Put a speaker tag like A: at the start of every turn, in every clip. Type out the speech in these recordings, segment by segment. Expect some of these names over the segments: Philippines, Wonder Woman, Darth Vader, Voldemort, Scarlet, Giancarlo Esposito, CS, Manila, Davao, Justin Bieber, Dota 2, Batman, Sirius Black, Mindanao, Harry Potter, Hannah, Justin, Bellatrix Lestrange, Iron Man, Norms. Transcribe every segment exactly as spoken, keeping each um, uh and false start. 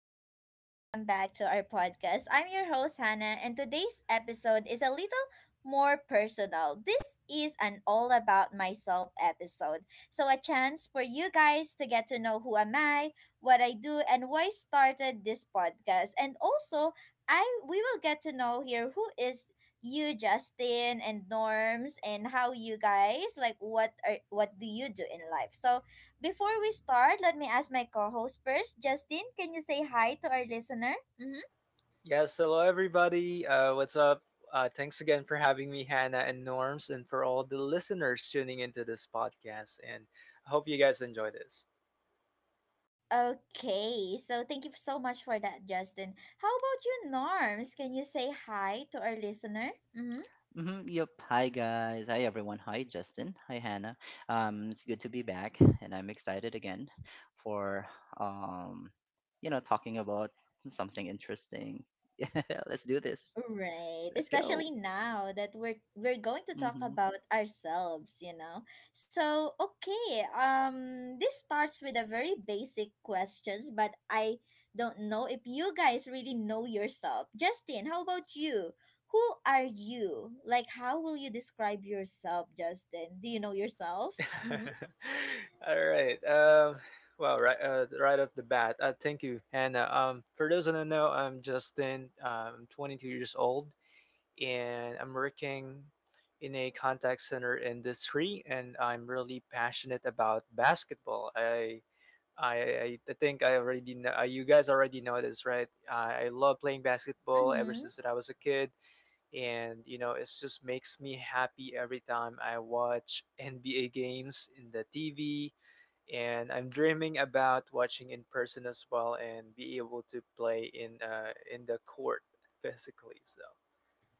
A: everyone. Welcome back to our podcast. I'm your host, Hannah, and today's episode is a little more personal. This is an all about myself episode. So, a chance for you guys to get to know who am I, what I do, and why I started this podcast. And also, I we will get to know here who is you Justin and Norms and how you guys like what are what do you do in life. So, before we start, let me ask my co host first. Justin, can you say hi to our listener? Mm-hmm.
B: Yes, hello everybody. Uh, what's up? Uh, thanks again for having me, Hannah and Norms, and for all the listeners tuning into this podcast. And I hope you guys enjoy this.
A: Okay, so thank you so much for that, Justin. How about you, Norms? Can you say hi to our listener? Mm-hmm.
C: Mm-hmm, yep. Hi guys. Hi everyone. Hi Justin. Hi Hannah. Um, it's good to be back, and I'm excited again for um, you know, talking about something interesting. Yeah, let's do this.
A: Right,
C: Let's go.
A: especially now that we're we're going to talk
C: Mm-hmm.
A: about ourselves, you know. So, okay, um this starts with a very basic questions, but I don't know if you guys really know yourself. Justin, how about you? Who are you? Like how will you describe yourself, Justin? Do you know yourself? Mhm.
B: All right. Um, well, right, uh, right off the bat, uh, thank you, Hannah. Um, for those who don't know, I'm Justin. I'm twenty-two years old, and I'm working in a contact center industry, and I'm really passionate about basketball. I I I I think I already know uh, you guys already know this, right? I I love playing basketball ever
A: Mhm.
B: since that I was a kid, and you know it just makes me happy every time I watch N B A games in the T V, and I'm dreaming about watching in person as well and be able to play in uh in the court physically. So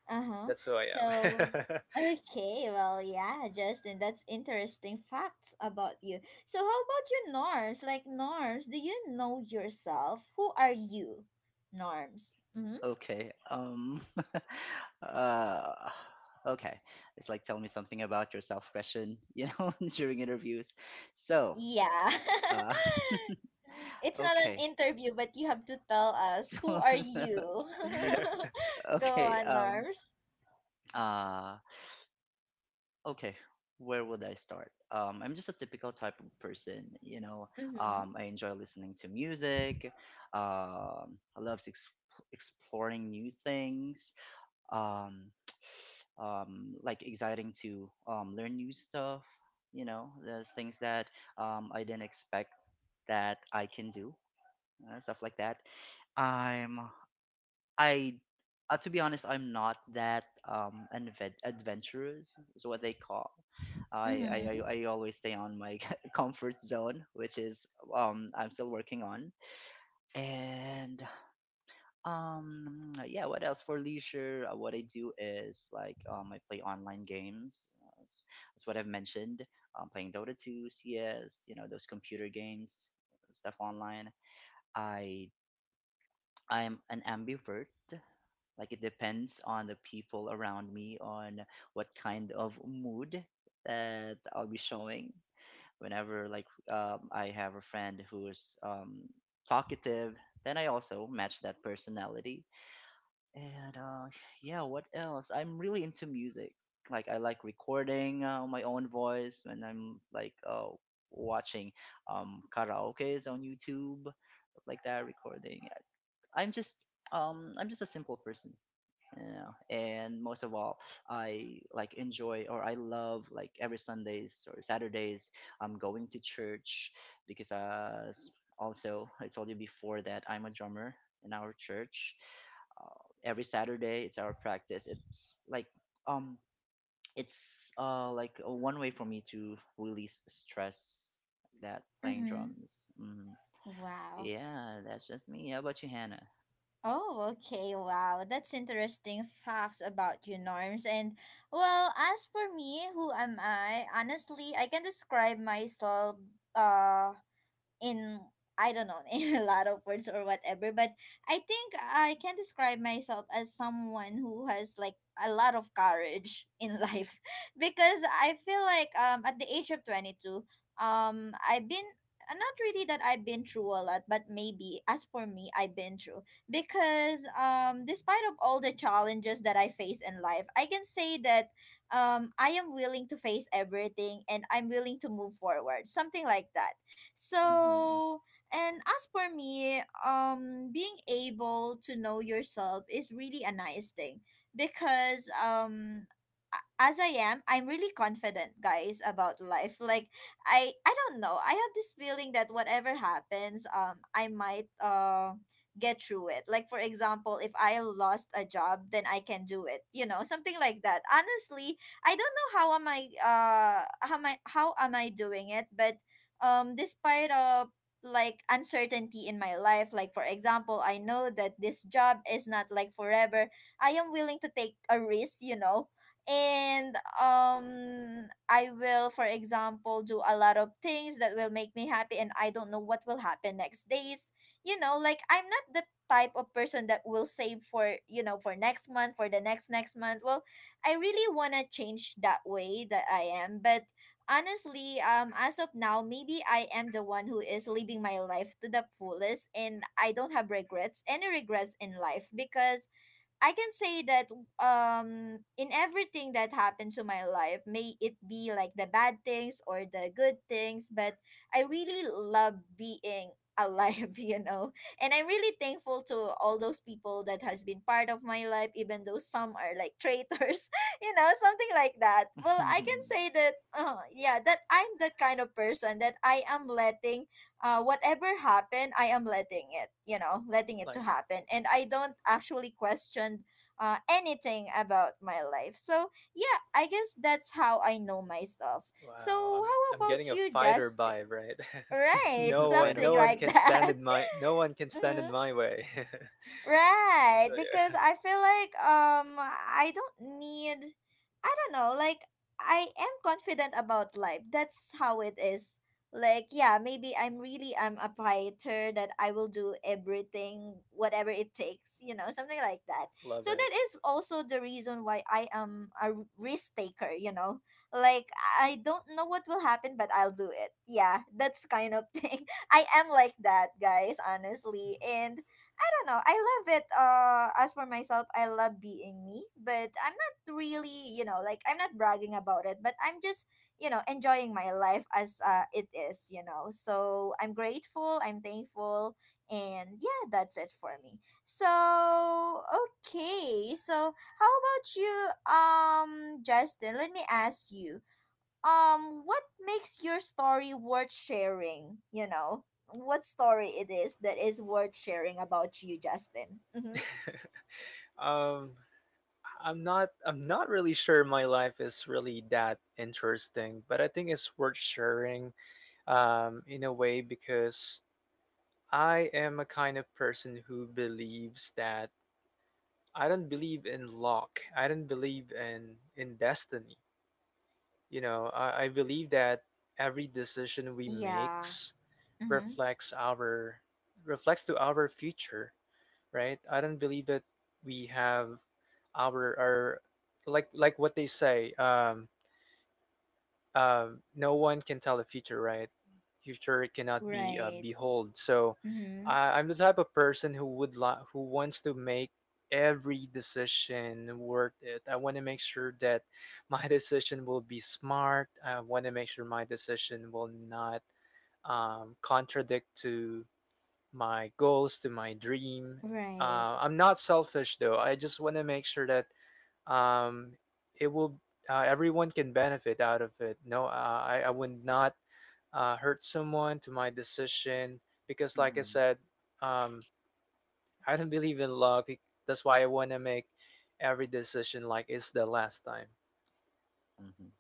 A: Uh-huh.
B: that's who I
A: So,
B: am.
A: okay, well, yeah, Justin, that's interesting facts about you. So, how about you, Norms? Like, Norms, do you know yourself? Who are you, Norms? Mm-hmm.
C: Okay. Um. uh. Okay. It's like tell me something about yourself question. You know, during interviews. So.
A: Yeah.
C: Uh.
A: It's not an
C: Okay.
A: interview, but you have to tell us who are
C: So-
A: you? Go
C: okay.
A: on,
C: Um.
A: Norms.
C: Uh. okay where would I start? um, I'm just a typical type of person, you know.
A: Mm-hmm.
C: um, I enjoy listening to music. um, i love ex- exploring new things. um, um, like exciting to um, learn new stuff. You know, there's things that um, I didn't expect that I can do, uh, stuff like that. i'm I, uh, to be honest, I'm not that um advent- adventurous. Is what they call. I, I I
A: Mm-hmm.
C: I always stay on my comfort zone, which is um I'm still working on. And um yeah, what else for leisure? Uh, what I do is like um I play online games. uh, s- That's what I've mentioned. Um, playing Dota two, C S, you know, those computer games, stuff online. I I'm an ambivert. Like it depends on the people around me, on what kind of mood that I'll be showing. Whenever like um, I have a friend who is um, talkative, then I also match that personality. And uh, yeah, what else? I'm really into music. Like I like recording uh, my own voice when I'm like uh, watching um, karaoke's on YouTube, stuff like that, recording. I'm just um, I'm just a simple person, you know. And most of all, I like enjoy or I love like every Sundays or Saturdays, I'm going to church because uh s- also I told you before that I'm a drummer in our church. Uh, every Saturday it's our practice. It's like um it's uh like a one way for me to release stress, that playing
A: Mm-hmm.
C: drums mm.
A: Wow.
C: Yeah, that's just me. How about you, Hannah?
A: Oh, okay. Wow. That's interesting facts about you, Norms. And well, as for me, who am I? Honestly, I can describe myself uh in I don't know, in a lot of words or whatever, but I think I can describe myself as someone who has like a lot of courage in life because I feel like um at the age of twenty-two, um I've been uh, not really that I've been through a lot, but maybe as for me, I've been through, because um, despite of all the challenges that I face in life, I can say that um, I am willing to face everything and I'm willing to move forward, something like that.
C: Mm-hmm.
A: So, and as for me, um, being able to know yourself is really a nice thing because um, a- as I am, I'm really confident, guys, about life. Like I, I don't know. I have this feeling that whatever happens, um, I might uh get through it. Like for example, if I lost a job, then I can do it. You know, something like that. Honestly, I don't know how am I uh how am I how am I doing it, but um despite uh like uncertainty in my life, like for example, I know that this job is not like forever. I am willing to take a risk, you know, and um I will, for example, do a lot of things that will make me happy, and I don't know what will happen next days, you know. Like I'm not the type of person that will save for, you know, for next month, for the next next month. Well, I really want to change that way that I am, but honestly, um, as of now, maybe I am the one who is living my life to the fullest and I don't have regrets, any regrets in life, because I can say that um in everything that happened to my life, may it be like the bad things or the good things, but I really love being alive, you know. And I'm really thankful to all those people that has been part of my life, even though some are like traitors, you know, something like that. Well, I can say that uh, yeah, that I'm that kind of person that I am letting uh, whatever happened, I am letting it, you know, letting it to
B: Like
A: happen. And I don't actually question uh, anything about my life. So, yeah, I guess that's how I know myself. So,
B: wow, I'm
A: how
B: I'm getting
A: about
B: a
A: you,
B: fighter
A: Justin?
B: vibe, right?
A: Right,
B: no one
C: Fighter
A: something
B: no one
C: vibe.
A: like
B: can stand
A: that.
B: in my no one can stand in my way. So,
A: Right, because
B: yeah,
A: I feel like um I don't need I don't know, like I am confident about life. That's how it is. Like yeah, maybe I'm really I'm a fighter that I will do everything whatever it takes, you know, something like that.
B: love
A: So
B: it.
A: that is also the reason why I am a r- risk taker, you know. Like I don't know what will happen but I'll do it. Yeah, that's kind of thing. I am like that, guys, honestly. And I don't know. I love it. Uh, as for myself, I love being me, but I'm not really, you know, like I'm not bragging about it, but I'm just, you know, enjoying my life as uh, it is, you know. So I'm grateful, I'm thankful, and yeah, that's it for me. So okay, so how about you, um, Justin? Let me ask you, um what makes your story worth sharing, you know, what story it is that is worth sharing about you, Justin? Mm-hmm.
B: Um I'm not I'm not really sure my life is really that interesting, but I think it's worth sharing um in a way because I am a kind of person who believes that I don't believe in luck. I don't believe in in destiny. You know, I, I believe that every decision we
A: Yeah.
B: makes
A: Mm-hmm.
B: reflects our reflects to our future, right? I don't believe that we have our our like like what they say. Um, uh, no one can tell the future, right? Future cannot be uh,
A: Right.
B: behold. So
A: Mm-hmm.
B: I I'm the type of person who would li- who wants to make every decision worth it. I want to make sure that my decision will be smart. I want to make sure my decision will not um, contradict to my goals, to my dream.
A: Right.
B: Uh, I'm not selfish though. I just want to make sure that um, it will uh, everyone can benefit out of it. No, uh, I I would not uh, hurt someone to my decision because, like I
C: Mm-hmm.
B: said, um, I don't believe in love. It- That's why I want to make every decision like it's the last time.
C: Mhm.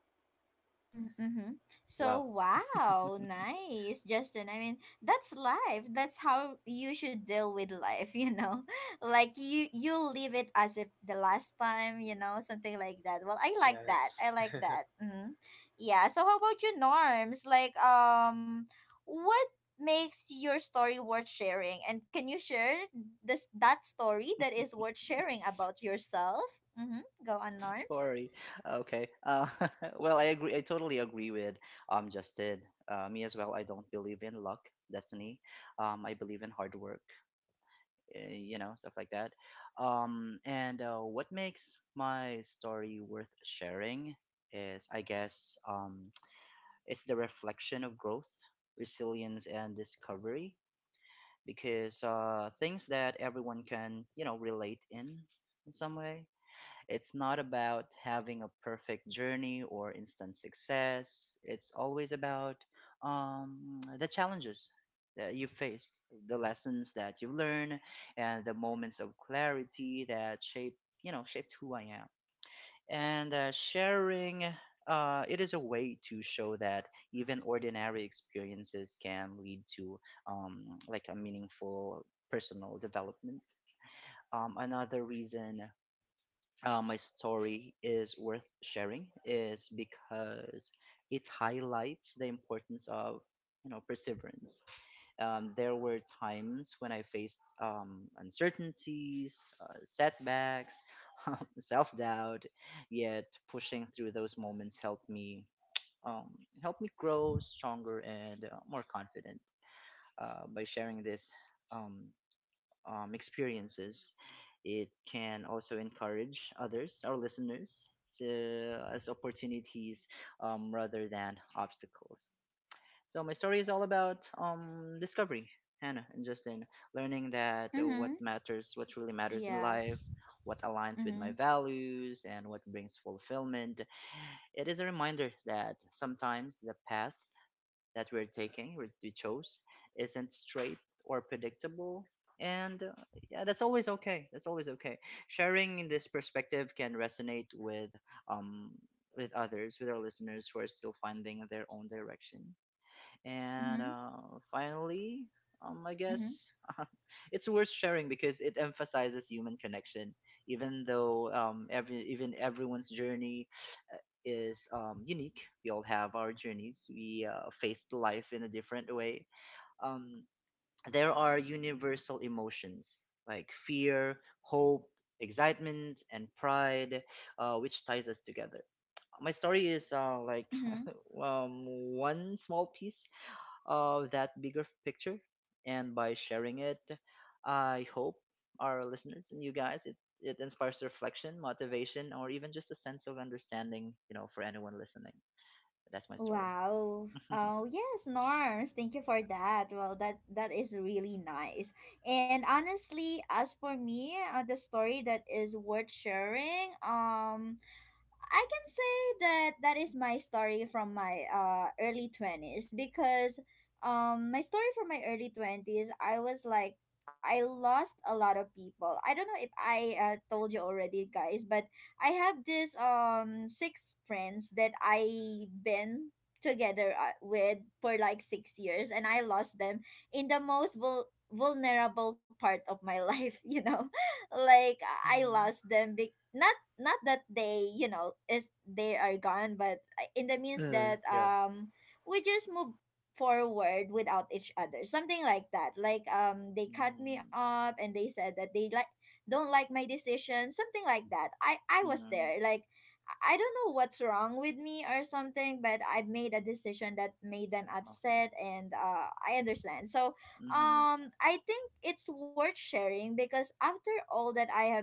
A: Mm, mm-hmm. So,
C: Wow.
A: wow, nice, Justin. I mean, that's life. That's how you should deal with life, you know? Like you you leave it as if the last time, you know, something like that. Well, I like that.
B: Yes.
A: I like that. Mm-hmm. Yeah. So, how about you, Norms? Like, um, what makes your story worth sharing? And can you share this that story that is worth sharing about yourself? Mm-hmm. Go on, Norms.
C: Story. Okay. Uh, well, I agree. I totally agree with um Justin. Uh, me as well. I don't believe in luck, destiny. Um, I believe in hard work. Uh, you know, stuff like that. Um, and uh, What makes my story worth sharing is, I guess, um, it's the reflection of growth, resilience, and discovery. Because uh, things that everyone can, you know, relate in in some way. It's not about having a perfect journey or instant success. It's always about um, the challenges that you faced, the lessons that you learn, and the moments of clarity that shape, you know, shaped who I am. And uh, sharing, uh, it is a way to show that even ordinary experiences can lead to um, like a meaningful personal development. Um, another reason uh, my story is worth sharing is because it highlights the importance of, you know, perseverance. Um, there were times when I faced um, uncertainties, uh, setbacks, um, self-doubt, yet pushing through those moments helped me um, helped me grow stronger and uh, more confident. Uh, by sharing this um, um, experiences, it can also encourage others, our listeners, to, as opportunities um, rather than obstacles. So my story is all about um, discovery, Hannah and Justin, learning that
A: Mm-hmm.
C: uh, what matters, what really matters
A: Yeah.
C: in life, what aligns with my
A: Mm-hmm.
C: values, and what brings fulfillment. It is a reminder that sometimes the path that we're taking, we we chose, isn't straight or predictable. And uh, yeah, that's always okay. That's always okay. Sharing this perspective can resonate with um with others, with our listeners who are still finding their own direction. And
A: Mm-hmm.
C: uh, finally, um, I
A: Mm-hmm.
C: guess it's worth sharing because it emphasizes human connection, even though um, every even everyone's journey uh, is um, unique. We all have our journeys. We uh, face life in a different way. Um, there are universal emotions like fear, hope, excitement, and pride, uh, which ties us together. My story is uh, like
A: Mm-hmm.
C: um, one small piece of that bigger picture, and by sharing it, I hope our listeners and you guys it, it inspires reflection motivation or even just a sense of understanding, you know, for anyone listening. That's my story.
A: Wow. Oh yes, Norms. Thank you for that. Well, that that is really nice. And honestly, as for me, uh, the story that is worth sharing. Um, I can say that that is my story from my uh early twenties, because um my story from my early twenties, I was like I lost a lot of people. I don't know if I uh, told you already, guys, but I have this um six friends that I been together uh, with for like six years and I lost them in the most vul- vulnerable part of my life, you know. Like I
C: Mhm,
A: lost them be- not not that they, you know, is they are gone, but uh, in the means
B: Mm,
A: that
B: yeah.
A: um we just move forward without each other, something like that. Like um they cut me
C: mhm,
A: off and they said that they like don't like my decision, something like that. I i was
C: mhm,
A: there like i I don't know what's wrong with me or something, but I made a decision that made them
C: uh-huh,
A: upset, and uh I understand. So
C: mhm,
A: um I think it's worth sharing because after all that I have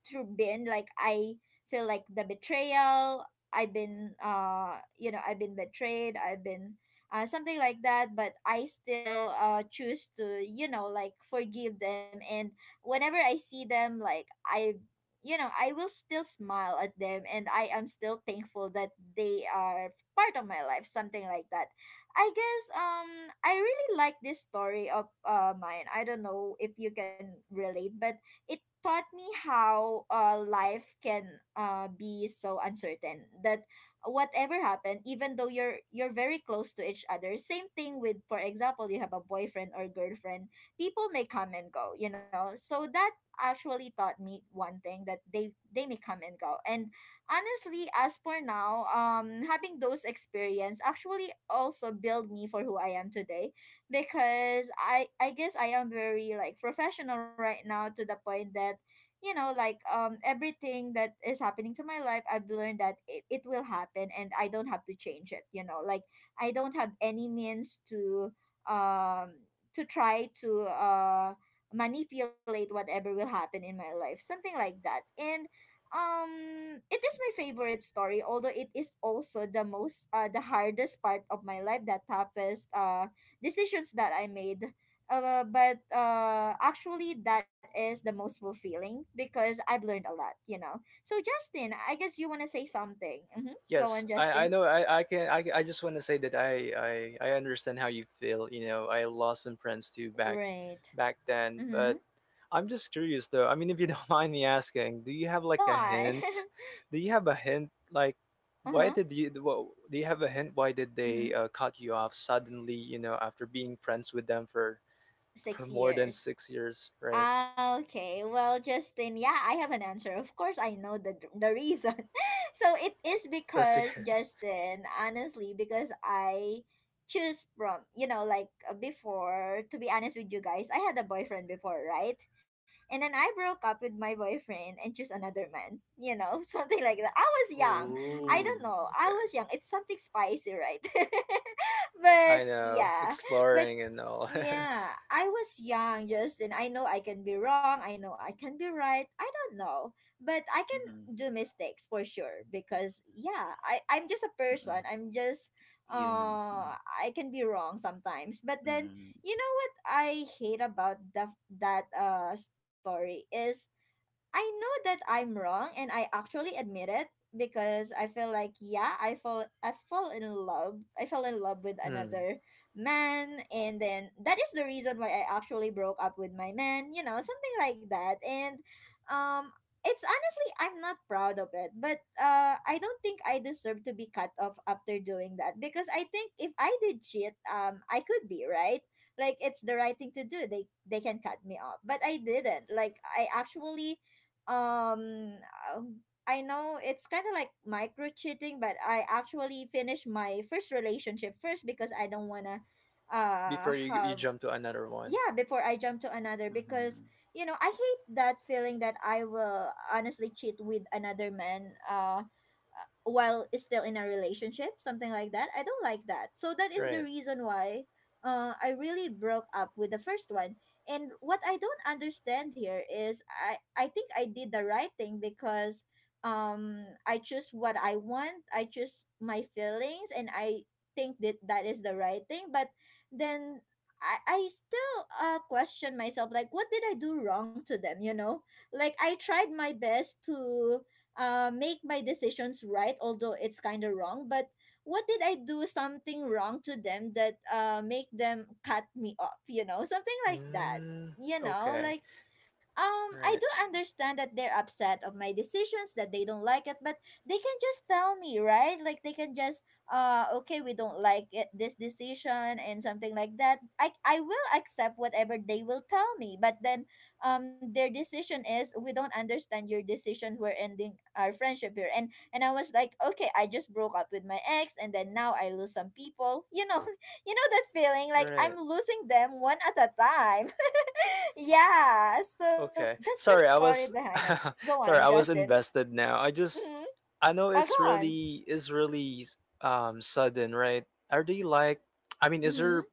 A: through been, like I feel like the betrayal, I've been uh you know, I've been betrayed, I've been uh, something like that, but I still uh choose to, you know, like forgive them, and whenever I see them, like I, you know, I will still smile at them and I am still thankful that they are part of my life, something like that. I guess um I really like this story of uh mine. I don't know if you can relate, but it taught me how uh, life can uh, be so uncertain that whatever happened, even though you're you're very close to each other, same thing with, for example, you have a boyfriend or girlfriend, people may come and go, you know. So that actually taught me one thing, that they they may come and go, and honestly, as for now, um having those experience actually also build me for who I am today, because I I guess I am very like professional right now, to the point that, you know, like um everything that is happening to my life, I've learned that it, it will happen and I don't have to change it, you know. Like I don't have any means to um to try to uh manipulate whatever will happen in my life, something like that. And um it is my favorite story, although it is also the most uh the hardest part of my life, that toughest uh decisions that I made. Uh, but uh, actually, that is the most fulfilling because I've learned a lot, you know. So, Justin, I guess you want to say something. Mm-hmm. Go
B: Yes,
A: on,
B: I, I
A: Justin.
B: know I, I can I, I just want to say that I, I I understand how you feel. You know, I lost some friends too back
A: Right.
B: back then, but
A: Mm-hmm.
B: I'm just curious though. I mean, if you don't mind me asking, do you have
A: Go
B: like a
A: on.
B: hint? Do you have a hint like
A: Uh
B: why
A: huh.
B: did you wha- do you have a hint why did
A: Mm-hmm.
B: they uh, cut you off suddenly, you know, after being friends with them for for
A: Six
B: more than
A: years.
B: six years, right?
A: Ah, okay, well, Justin, yeah, I have an answer. Of course, I know the the reason. So it is
B: Let's hear.
A: because, Justin, honestly, because I choose from, you know, like uh, before. To be honest with you guys, I had a boyfriend before, right? And then I broke up with my boyfriend and choose another man. You know, something like that. I was young. I don't
B: Oh,
C: mhm,
A: know. I was
B: okay.
A: young. It's something spicy, right?
B: I
A: but
B: know,
A: yeah, but
B: exploring and all.
A: yeah, I was young, Justin. I know I can be wrong. I know I can be right. I don't know, but I can
C: mhm,
A: do mistakes for sure, because yeah, I I'm just a
C: mhm.
A: person. I'm just
C: Human. Mhm,
A: uh I can be wrong sometimes. But then
C: mhm,
A: you know what I hate about the that uh story is I know that I'm wrong and I actually admit it because I feel like yeah, I fall I fall in love. I fell in love with
B: Hmm.
A: another man, and then that is the reason why I actually broke up with my man, you know, something like that. And um it's honestly I'm not proud of it, but uh I don't think I deserve to be cut off after doing that, because I think if I did cheat, um I could be, right? Like it's the right thing to do. They they can cut me off. But I didn't. Like I actually um um, I know it's kind of like micro cheating, but I actually finished my first relationship first because I don't wanna uh
B: before you you
A: have
B: jump to another one.
A: yeah, before I jump to another, because
C: mhm.
A: you know I hate that feeling that I will honestly cheat with another man uh uh, while is still in a relationship, something like that. I don't like that, so that is the
B: Right.
A: reason why uh, I really broke up with the first one. And what I don't understand here is i i think I did the right thing because um I choose what I want, I choose my feelings, and I think that that is the right thing. But then I, I still uh, question myself, like what did I do wrong to them, you know, like I tried my best to uh, make my decisions right, although it's kind of wrong. But what did I do something wrong to them that uh, make them cut me off, you know, something like that.
B: Mm,
A: You know,
B: okay.
A: like um, I
B: Right.
A: do understand that they're upset of my decisions, that they don't like it, but they can just tell me, right? Like they can just, uh, okay, we don't like it, this decision and something like that. I I will accept whatever they will tell me, but then, um, their decision is we don't understand your decision. We're ending our friendship here. and and I was like, okay, I just broke up with my ex, and then now I lose some people. You know, you know that feeling, like I'm
B: Right.
A: losing them one at a time. yeah, so
B: Okay.
A: that's the
B: Sorry, I
A: story
B: was
A: behind it. Go on,
B: sorry, I was
A: Justin.
B: invested now. I just
A: Mm-hmm.
B: I know
A: Uh, go
B: it's
A: on.
B: really is really um sudden, right? Are they like I mean, is
A: Mm-hmm.
B: your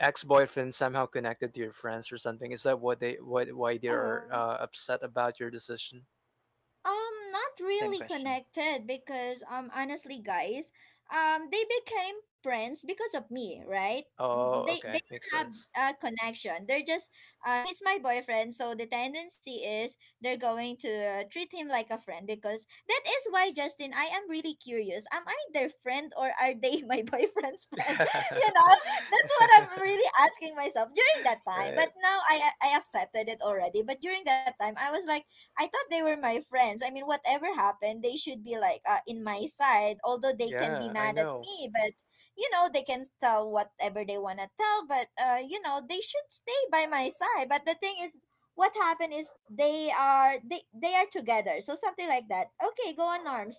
B: ex-boyfriend somehow connected to your friends or something? Is that what they what why they are
A: Uh-huh.
B: uh, upset about your decision?
A: Um, not
C: Same
A: really
C: question.
A: connected because um honestly guys, um they became friends because of me, right? Mm,
B: Oh,
A: They they
B: okay. Makes
A: don't have
B: sense.
A: a connection. They're just uh he's my boyfriend, so the tendency is they're going to treat him like a friend. Because that is why, Justin, I am really curious. Am I their friend, or are they my boyfriend's friend? You know, that's what I'm really asking myself during that time.
B: Right.
A: But now I I accepted it already. But during that time, I was like I thought they were my friends. I mean, whatever happened, they should be like uh, in my side, although they can be
B: Yeah, I
A: mad at
B: know.
A: me. But you know, they can tell whatever they want to tell, but uh, you know, they should stay by my side. But the thing is, what happened is they are they they are together. So something like that. Okay, go on arms.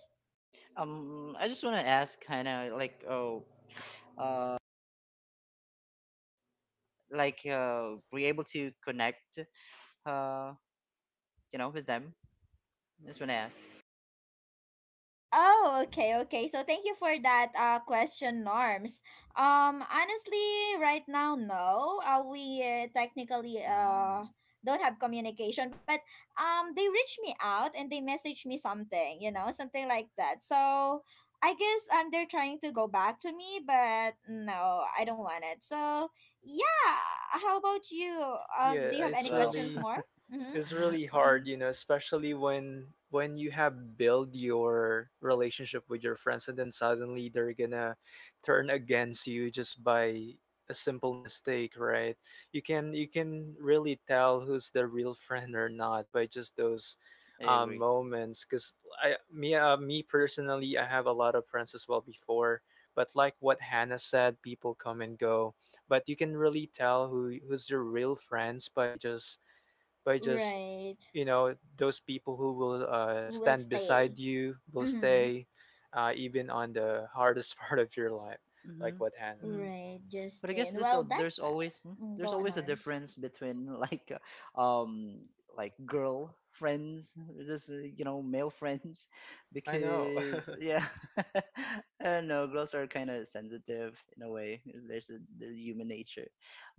C: um I just want to ask, kind of like, oh, uh like uh we're you able to connect, uh, you know, with them? That's when I asked.
A: Oh, okay, okay. So thank you for that uh question, Norms. Um, honestly, right now, no. Uh, we uh, technically
C: Mm,
A: uh don't have communication, but um, they reached me out and they messaged me something, you know, something like that. So I guess um, they're trying to go back to me, but no, I don't want it. So yeah, how about you? Uh, do
B: Yeah,
A: you have
B: it's
A: any
C: well,
A: questions
B: really
A: more? Mm-hmm.
B: it's really
C: mm,
B: hard, you know, especially when when you have build your relationship with your friends and then suddenly they're gonna turn against you just by a simple mistake, right? You can you can really tell who's the real friend or not by just those
C: I
B: um,
C: agree.
B: moments. Cause I me uh, me personally, I have a lot of friends as well before, but like what Hannah said, people come and go. But you can really tell who who's your real friends by just by just
A: Right.
B: you know those people who will uh,
A: We'll
B: stand
A: stay.
B: beside you will
A: Mm-hmm.
B: stay uh, even on the hardest part of your life like
C: Hmm.
B: what happened.
C: Hmm.
A: Right,
C: But I guess
A: Justin.
C: this
A: Well,
C: al- there's
A: that's uh,
C: always hmm,
A: mm,
C: there's
A: go on
C: always a
A: arms.
C: difference between like uh, um like girl friends versus uh, you know, male friends,
B: I know
C: because yeah. I don't know, girls are kind of sensitive in a way, 'cause there's a, there's human nature.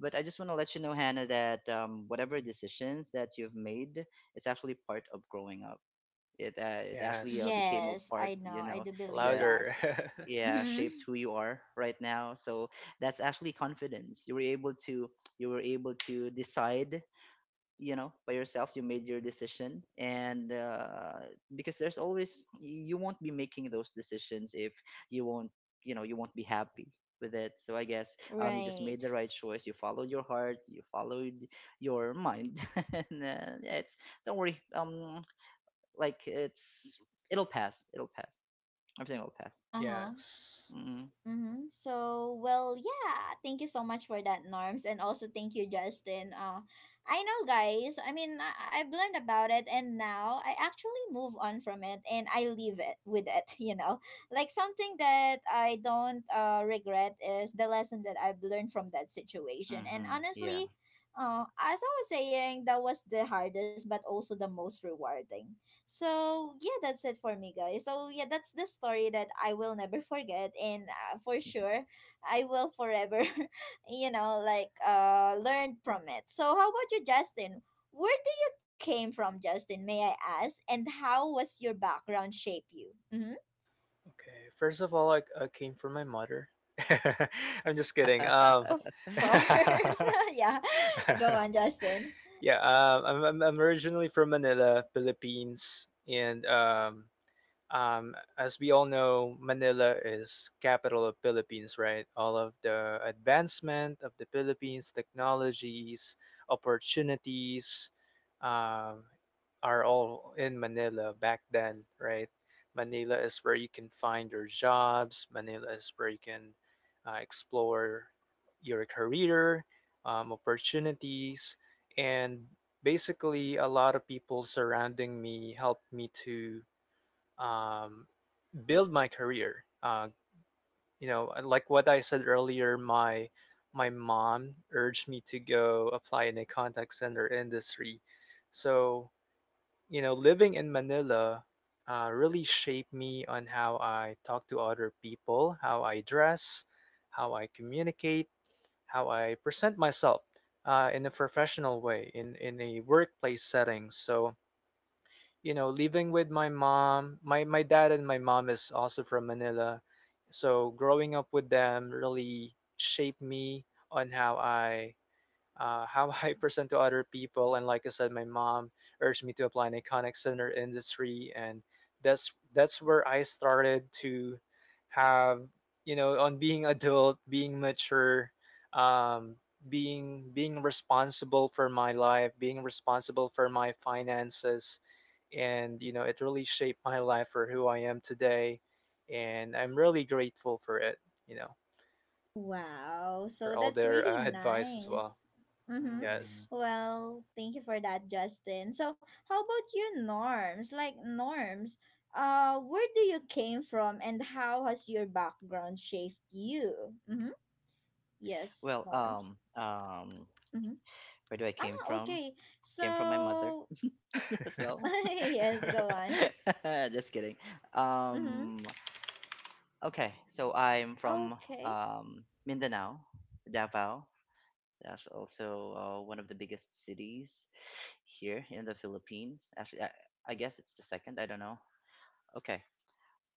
C: But I just want to let you know, Hannah, that um, whatever decisions that you've made is actually part of growing up. It uh, it actually uh,
B: Yes,
C: became a
A: Yes,
C: part,
A: I
C: you
A: know. I
C: know,
A: do believe
C: that
A: that.
B: louder.
C: yeah
A: Mm-hmm.
C: shaped who you are right now. So that's actually confidence. You were able to you were able to decide, you know, by yourself. You made your decision, and uh, because there's always you won't be making those decisions if you won't, you know, you won't be happy with it. So I guess um you just
A: Right.
C: made the right choice. You followed your heart. You followed your mind. And uh, yeah, it's don't worry. Um, like it's it'll pass. It'll pass. Everything will pass.
A: Uh huh.
B: Yes.
C: Mm-hmm.
A: Mm-hmm. So, well, yeah, thank you so much for that, Norms. And also thank you, Justin. Uh, I know, guys, I mean, I- I've learned about it, and now I actually move on from it and I leave it with it, you know? Like, something that I don't uh, regret is the lesson that I've learned from that situation. And
C: Mm-hmm. Yeah.
A: honestly, uh, as I was saying, that was the hardest, but also the most rewarding. So yeah, that's it for me, guys. So yeah, that's the story that I will never forget, and uh, for sure, I will forever, you know, like uh, learn from it. So how about you, Justin? Where do you came from, Justin? May I ask? And how was your background shape you? Mm-hmm.
B: Okay, first of all, i, I came from my mother. I'm just kidding. um
A: Of course, yeah. Go on, Justin.
B: yeah um, I'm, I'm I'm originally from manila philippines, and um um, as we all know, Manila is capital of Philippines, right? All of the advancement of the Philippines, technologies, opportunities, um, are all in Manila back then, right? Manila is where you can find your jobs. Manila is where you can uh, explore your career, um, opportunities, and basically a lot of people surrounding me helped me to um, build my career. Uh, you know, like what I said earlier, my my mom urged me to go apply in a contact center industry. So you know, living in Manila uh, really shaped me on how I talk to other people, how I dress, how I communicate, how I present myself uh, in a professional way, in in a workplace setting. So you know, living with my mom. My my dad and my mom is also from Manila. So growing up with them really shaped me on how I uh, how I present to other people. And like I said, my mom urged me to apply in a contact center industry, and that's that's where I started to have you know on being adult, being mature, um, being being responsible for my life, being responsible for my finances, and you know it really shaped my life for who I am today, and I'm really grateful for it. You know
A: Wow,
B: for
A: so
B: all
A: that's
B: their
A: really
B: uh, advice as well.
A: nice. Mm-hmm.
C: Hmm.
B: Yes.
A: Well, thank you for that, Justin. So, how about you, Norms? Like Norms, uh, where do you came from, and how has your background shaped you? Mm-hmm. Yes,
C: Well,
A: Norms.
C: um, um,
A: Mm-hmm.
C: where do I came
A: Ah,
C: from?
A: okay.
C: Came from my mother
A: So,
C: as well.
A: yes, go on.
C: Just kidding.
A: Mm-hmm.
C: Um, okay, so I'm from
A: Okay.
C: um Mindanao, Davao. That's also uh, one of the biggest cities here in the Philippines. Actually, I, I guess it's the second. I don't know. Okay.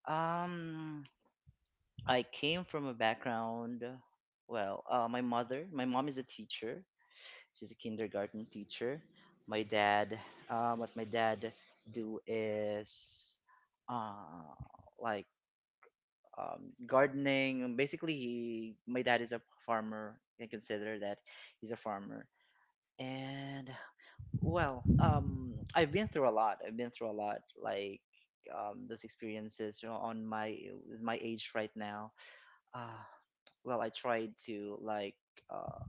C: Um, I came from a background, well, uh, my mother, my mom is a teacher. She's a kindergarten teacher. My dad, uh, what my dad do is uh, like um, gardening. Basically, he, my dad is a farmer. You can consider that he's a farmer. And well, um, I've been through a lot. I've been through a lot, like um, those experiences, you know, on my with my age right now. Uh, well, I tried to like um,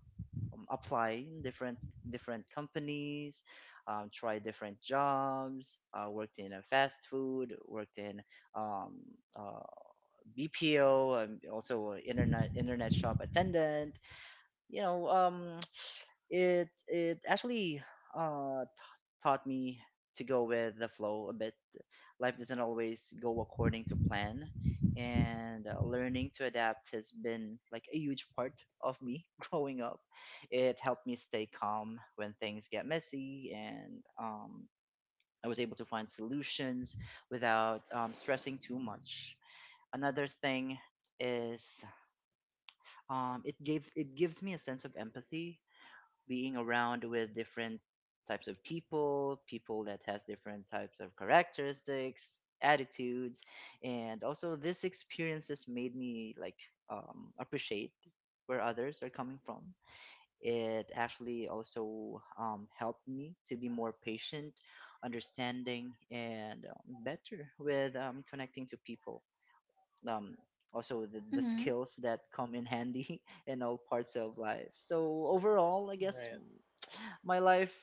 C: apply in different different companies, um, try different jobs. Uh, worked in a fast food, worked in um, uh, B P O, um, also a internet internet shop attendant. You know, um it it actually uh t- taught me to go with the flow a bit. Life doesn't always go according to plan, and uh, learning to adapt has been like a huge part of me growing up. It helped me stay calm when things get messy, and um, I was able to find solutions without um, stressing too much. Another thing is um, it gave it gives me a sense of empathy, being around with different types of people, people that has different types of characteristics, attitudes, and also this experiences made me like um, appreciate where others are coming from. It actually also um, helped me to be more patient, understanding, and um, better with um, connecting to people. Um, Also, the, the
A: Mm-hmm.
C: skills that come in handy in all parts of life. So overall, I guess
B: Right.
C: my life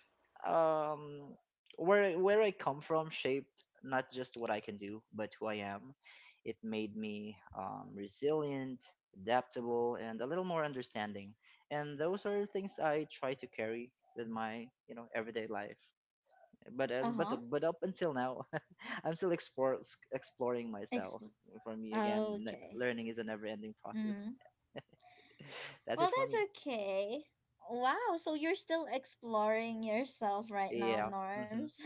C: um where where I come from shaped not just what I can do but who I am. It made me um, resilient, adaptable, and a little more understanding. And those are things I try to carry with my, you know, everyday life. But uh,
A: Uh
C: but
A: huh.
C: but up until now, I'm still explore, exploring myself.
A: Expl-
C: For me, again, ne-
A: okay.
C: learning is a never-ending process.
A: Mm-hmm.
C: That's it
A: Well,
C: for me.
A: that's okay. Wow, so you're still exploring yourself right now,
C: Yeah. Hmm.
A: Norms.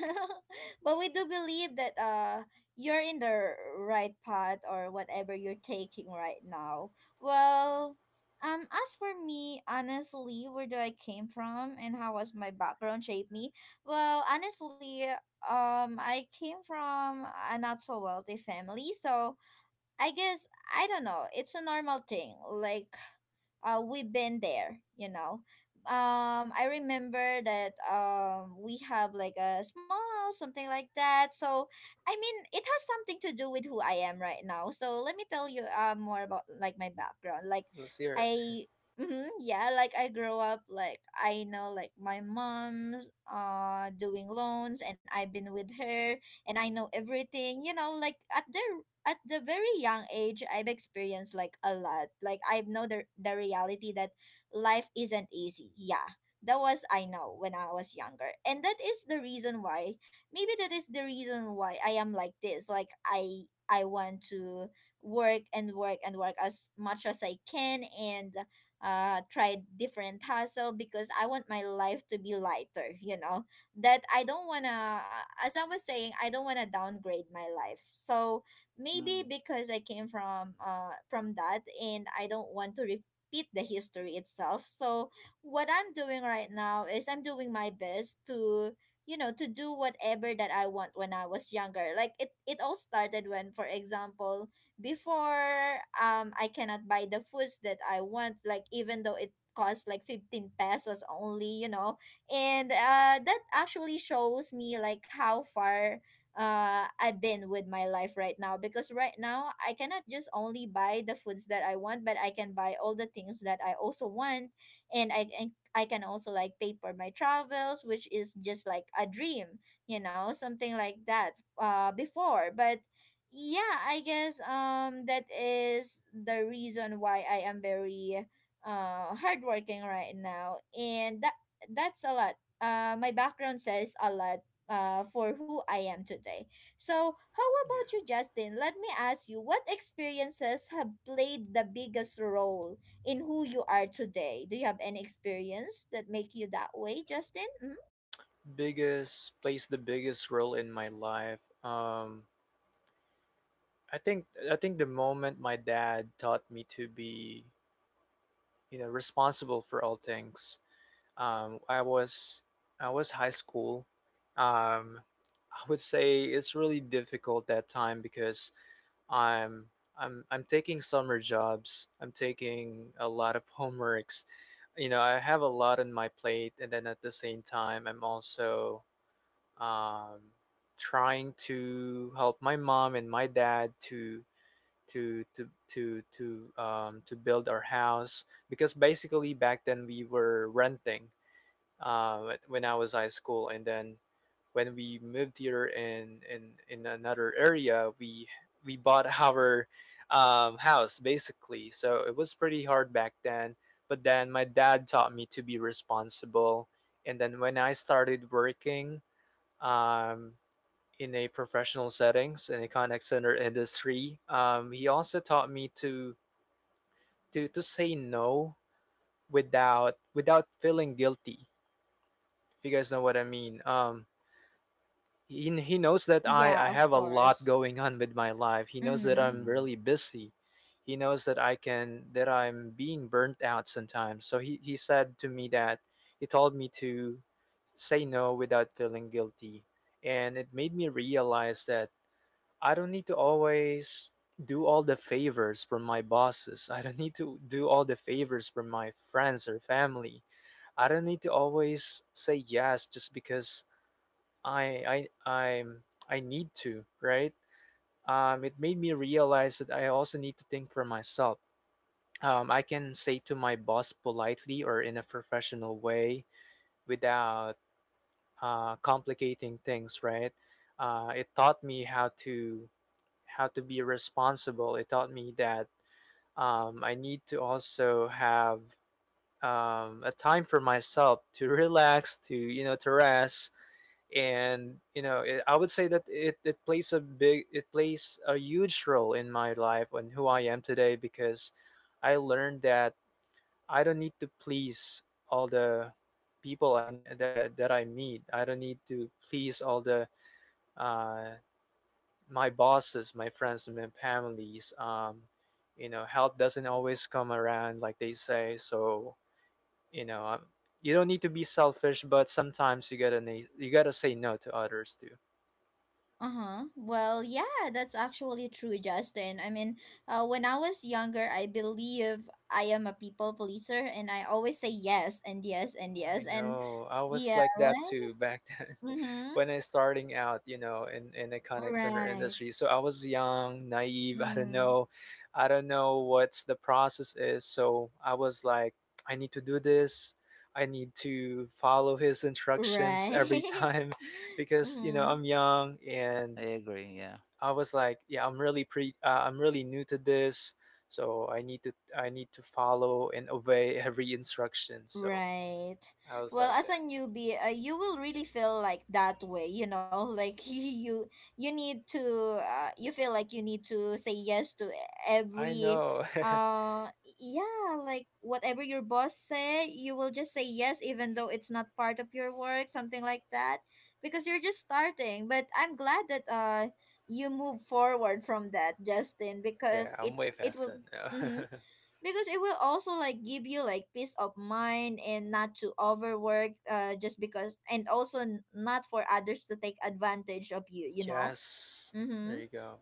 A: but we do believe that uh you're in the right path or whatever you're taking right now. Well, um as for me, honestly, where do I came from and how was my background shaped me? Well, honestly, um I came from a not so wealthy family, so I guess I don't know. It's a normal thing. Like uh, we've been there, you know. Um, I remember that um, we have like a small house, something like that. So, I mean, it has something to do with who I am right now. So, let me tell you uh, more about like my background. Like,
B: Let's hear it.
A: I, mhm, yeah, like I grew up, like, I know like my mom's uh, doing loans, and I've been with her and I know everything, you know, like at their at the very young age I've experienced like a lot. Like I know the, the reality that life isn't easy. Yeah, that was I know when I was younger, and that is the reason why maybe that is the reason why I am like this. Like i i want to work and work and work as much as I can and uh try different hustle, because I want my life to be lighter, you know. That I don't want to as I was saying, I don't want to downgrade my life. So maybe
C: Mm-hmm.
A: because I came from uh from that and I don't want to repeat the history itself. So what I'm doing right now is I'm doing my best to you know to do whatever that I want when I was younger. Like it it all started when for example before um I cannot buy the foods that I want, like even though it costs like fifteen pesos only, you know, and uh, that actually shows me like how far uh I've been with my life right now, because right now I cannot just only buy the foods that I want, but I can buy all the things that I also want, and I and I can also like pay for my travels, which is just like a dream, you know, something like that uh before. But yeah, I guess um that is the reason why I am very uh hardworking right now. And that that's a lot. Uh, my background says a lot, uh, for who I am today. So, how
B: Yeah.
A: about you, Justin? Let me ask you, what experiences have played the biggest role in who you are today? Do you have any experience that make you that way, Justin? Mm?
B: Biggest plays the biggest role in my life. Um I think I think the moment my dad taught me to be, you know, responsible for all things. Um I was I was high school. Um I would say it's really difficult that time because I'm I'm I'm taking summer jobs. I'm taking a lot of homeworks. You know, I have a lot on my plate and then at the same time I'm also um, trying to help my mom and my dad to to to to to um, to build our house because basically back then we were renting uh, wh- when I was high school and then when we moved here in in, in another area we we bought our um, house basically. So it was pretty hard back then, but then my dad taught me to be responsible. And then when I started working um, in a professional settings in a contact center industry. Um, he also taught me to to to say no without without feeling guilty. If you guys know what I mean. Um, he he knows that I
A: Yeah,
B: I
A: of
B: have a lot
A: course.
B: going on with my life. He knows that
A: Mm-hmm.
B: I'm
C: Mm-hmm.
B: really busy. He knows that I can that I'm being burnt out sometimes. So he he said to me that he told me to say no without feeling guilty, and it made me realize that I don't need to always do all the favors for my bosses. I don't need to do all the favors for my friends or family. I don't need to always say yes just because I I I'm I need to, right? Um, it made me realize that I also need to think for myself. Um, I can say to my boss politely or in a professional way without uh, complicating things, right? Uh, it taught me how to how to be responsible. It taught me that um, I need to also have um, a time for myself to relax, to you know, to rest. And you know, it, I would say that it, it plays a big, it plays a huge role in my life and who I am today because I learned that I don't need to please all the people I that, that I meet. I don't need to please all the uh, my bosses, my friends, and my families. Um, you know, help doesn't always come around like they say. So, you know, um, you don't need to be selfish, but sometimes you gotta na- you gotta say no to others too.
A: Uh-huh. Well, yeah, that's actually true, Justin. I mean, uh, when I was younger, I believe I am a people pleaser, and I always say yes and yes and
B: I
A: yes and
B: know. I was
A: yeah,
B: like that
A: right?
B: too back then
A: Mm-hmm.
B: when I starting out, you know, in in the contact center
A: Right.
B: industry. So I was young, naive. I don't
A: Hmm.
B: know, I don't know what's the process is. So I was like, I need to do this. I need to follow his instructions every
A: Right.
B: time. Because you know
A: mm-hmm.
B: I'm young, and
C: I agree. Yeah.
B: I was like, yeah, I'm really pre, uh, I'm really new to this. So I need to I need to follow and obey every instruction. So
A: Right.
B: I was
A: Well,
B: like
A: as a
B: that.
A: newbie, uh, you will really feel like that way, you know, like you you need to uh, you feel like you need to say yes to
B: I
A: every
B: know.
A: uh yeah, like whatever your boss say, you will just say yes, even though it's not part of your work, something like that, because you're just starting. But I'm glad that uh you move forward from that, Justin, because
B: Yeah, I'm
A: it
B: way
A: it will
B: faster now.
A: mhm, because it will also like give you like peace of mind, and not to overwork uh just because, and also n- not for others to take advantage of you, you know.
B: Yes. There
A: Mm-hmm.
B: you go.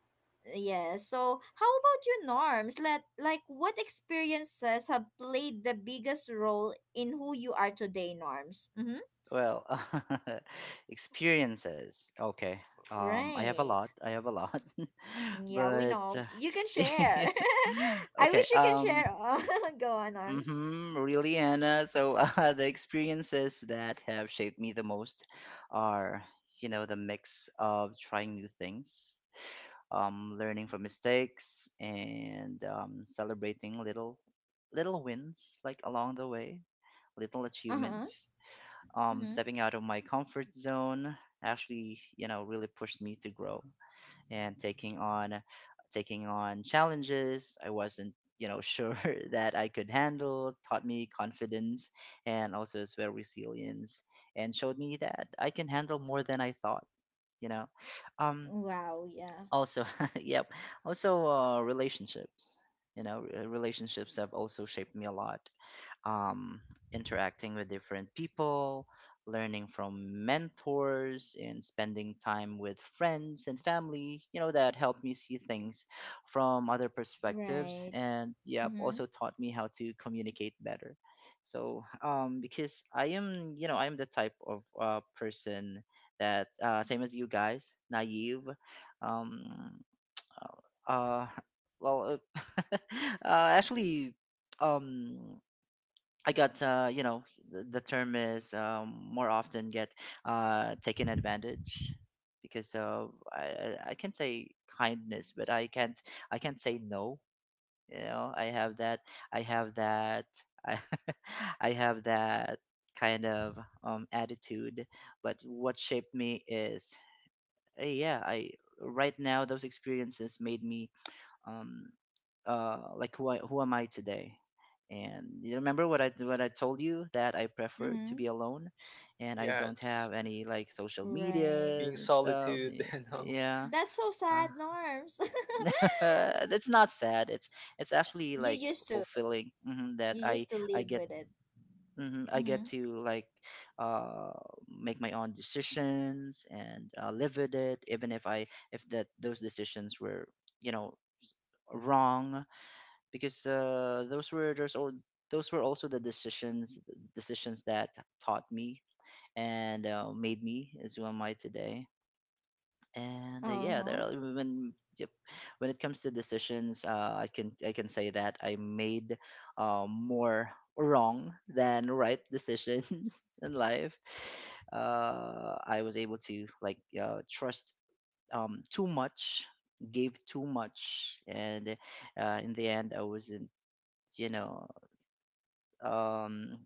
A: Yeah, so how about you, Norms? Let like what experiences have played the biggest role in who you are today, Norms? Mm-hmm.
C: Well, experiences. Okay. Um, I have a
A: Right.
C: lot. I have a lot.
A: Yeah, we
C: But
A: know
C: uh,
A: you can share.
C: yeah.
A: I
C: Okay.
A: wish you can
C: Um,
A: share. go on, Norms.
C: mm-hmm, really, Anna. So uh, the experiences that have shaped me the most are, you know, the mix of trying new things, um, learning from mistakes, and um, celebrating little little wins, like along the way, little
A: Uh-huh.
C: achievements. Um,
A: Mm-hmm.
C: stepping out of my comfort zone actually, you know, really pushed me to grow. And taking on taking on challenges I wasn't, you know, sure that I could handle, taught me confidence and also as well resilience, and showed me that I can handle more than I thought, you know. um
A: Wow, yeah.
C: Also yep, also uh relationships, you know. Uh, relationships have also shaped me a lot. um, Interacting with different people, learning from mentors, and spending time with friends and family, you know, that helped me see things from other perspectives.
A: Right.
C: And yep, also
A: Mm-hmm.
C: taught me how to communicate better. So, um, because I am, you know, I am the type of uh, person that, uh, same as you guys, naive. Um, uh, uh, well, uh, uh, actually, um I got, uh, you know, the, the term is um, more often get uh, taken advantage because uh, I, I I can say kindness, but I can't I can't say no. You know, I have that I have that I, I have that kind of um, attitude. But what shaped me is, uh, yeah, I right now those experiences made me um, uh, like who I, who am I today? And you remember what I what I told you that I prefer to
A: Mm-hmm.
C: be alone, and I don't
B: Yes.
C: have any like social
A: Right.
B: Being
C: medias and stuff.
B: solitude,
C: y-
B: you know.
C: Yeah,
A: That's so
C: uh,
A: sad, Norms.
C: that's not sad. It's it's actually
A: you
C: like
A: used to
C: fulfilling hmm that
A: you
C: I
A: used to
C: I
A: live
C: get
A: with it.
C: mhm, I get
A: Mm-hmm.
C: to like uh, make my own decisions and uh, live with it, even if I if that those decisions were you know wrong because uh, those were those all those were also the decisions decisions that taught me and uh, made me as who am I today. And uh, yeah, there
A: Uh-huh.
C: are, when yep, when it comes to decisions, uh, I can I can say that I made uh, more wrong than right decisions in life. Uh, I was able to like uh, trust um, too much, gave too much, and uh, in the end, I wasn't you know um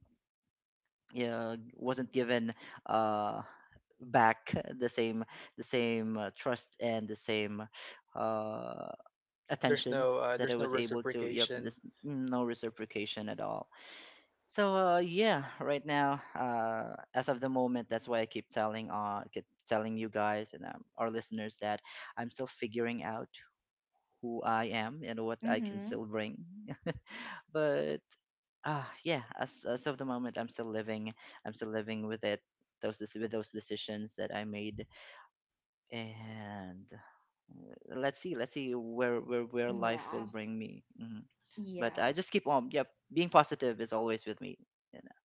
C: yeah wasn't given uh back the same the same uh, trust and the same uh
B: There's
C: attention
B: no uh,
C: that I
B: there's no
C: was able to yep
B: reciprocation.
C: there's no reciprocation at all. So uh yeah, right now, uh as of the moment, that's why I keep telling uh keep telling you guys and um, our listeners that I'm still figuring out who I am and what I can
A: Mm-hmm.
C: still bring. But uh yeah, as as of the moment, I'm still living. I'm still living with it. Those dec- with those decisions that I made, and uh, let's see, let's see where where where life will
A: Wow.
C: bring me. hmm But I
A: Yeah.
C: just keep on. Yep, being positive is always with me. You know,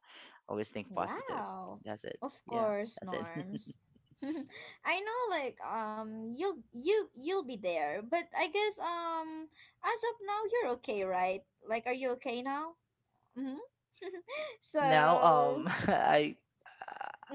C: always think positive.
A: Wow.
C: That's it.
A: Of
C: Yeah,
A: course,
C: that's it.
A: Norms. I know, like, um you'll you you'll be there, but I guess um as of now you're okay, right? Like, are you okay now? Mm-hmm.
C: now,
A: So
C: um, I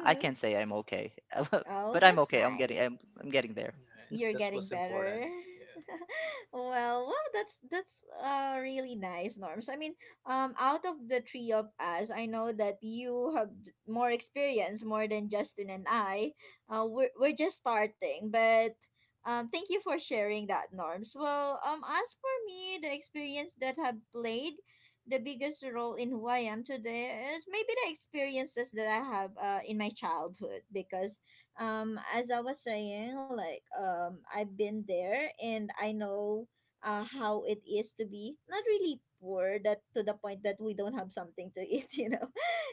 C: I can say I'm okay,
A: Oh,
C: but I'm
A: that's
C: okay. I'm getting
A: nice.
C: I'm I'm getting there.
B: Yeah,
A: You're
B: that's
A: getting
B: what's
A: better.
B: important. Yeah.
A: Well, wow, that's that's uh really nice, Norms. I mean, um, out of the three of us, I know that you have d- more experience, more than Justin and I. Uh, we're we're just starting, but um, thank you for sharing that, Norms. Well, um, as for me, the experience that have played the biggest role in who I am today is maybe the experiences that I have uh in my childhood, because um as I was saying, like, um I've been there, and I know uh how it is to be not really poor, that to the point that we don't have something to eat. You know,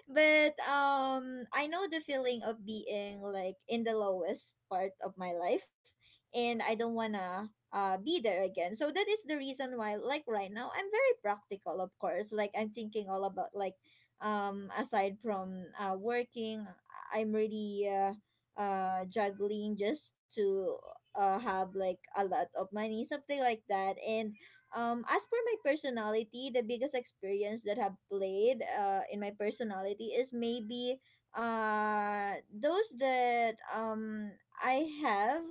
A: but um I know the feeling of being like in the lowest part of my life, and I don't wanna uh, be there again. So that is the reason why, like, right now I'm very practical, of course. Like, I'm thinking all about, like, um aside from uh, working, I'm really uh, uh juggling just to uh have, like, a lot of money, something like that. And um as per my personality, the biggest experience that have played uh in my personality is maybe uh those that um I have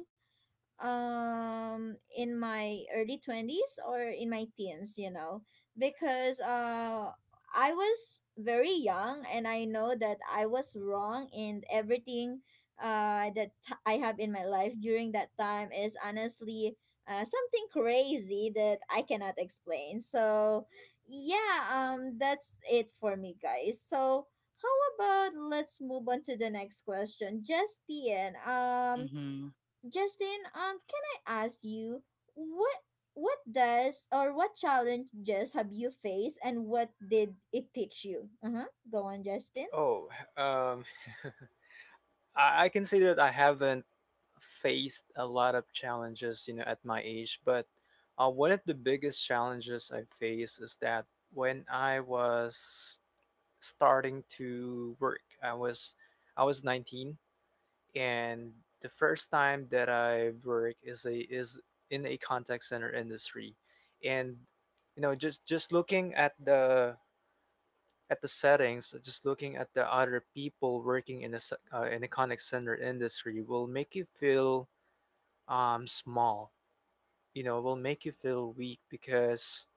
A: um in my early twenties or in my teens, you know, because uh I was very young and I know that I was wrong in everything uh that t- I have in my life during that time is honestly uh, something crazy that I cannot explain. So yeah, um that's it for me, guys. So how about let's move on to the next question, Justine? um
C: Mm-hmm.
A: Justin, um, can I ask you what what does, or what challenges have you faced and what did it teach you? Uh huh. Go on, Justin.
B: Oh, um I, I can say that I haven't faced a lot of challenges, you know, at my age, but uh, one of the biggest challenges I faced is that when I was starting to work, I was I was nineteen, and the first time that I work is a is in a contact center industry, and you know just just looking at the at the settings, just looking at the other people working in a s- uh, in a contact center industry will make you feel um small. You know, will make you feel weak because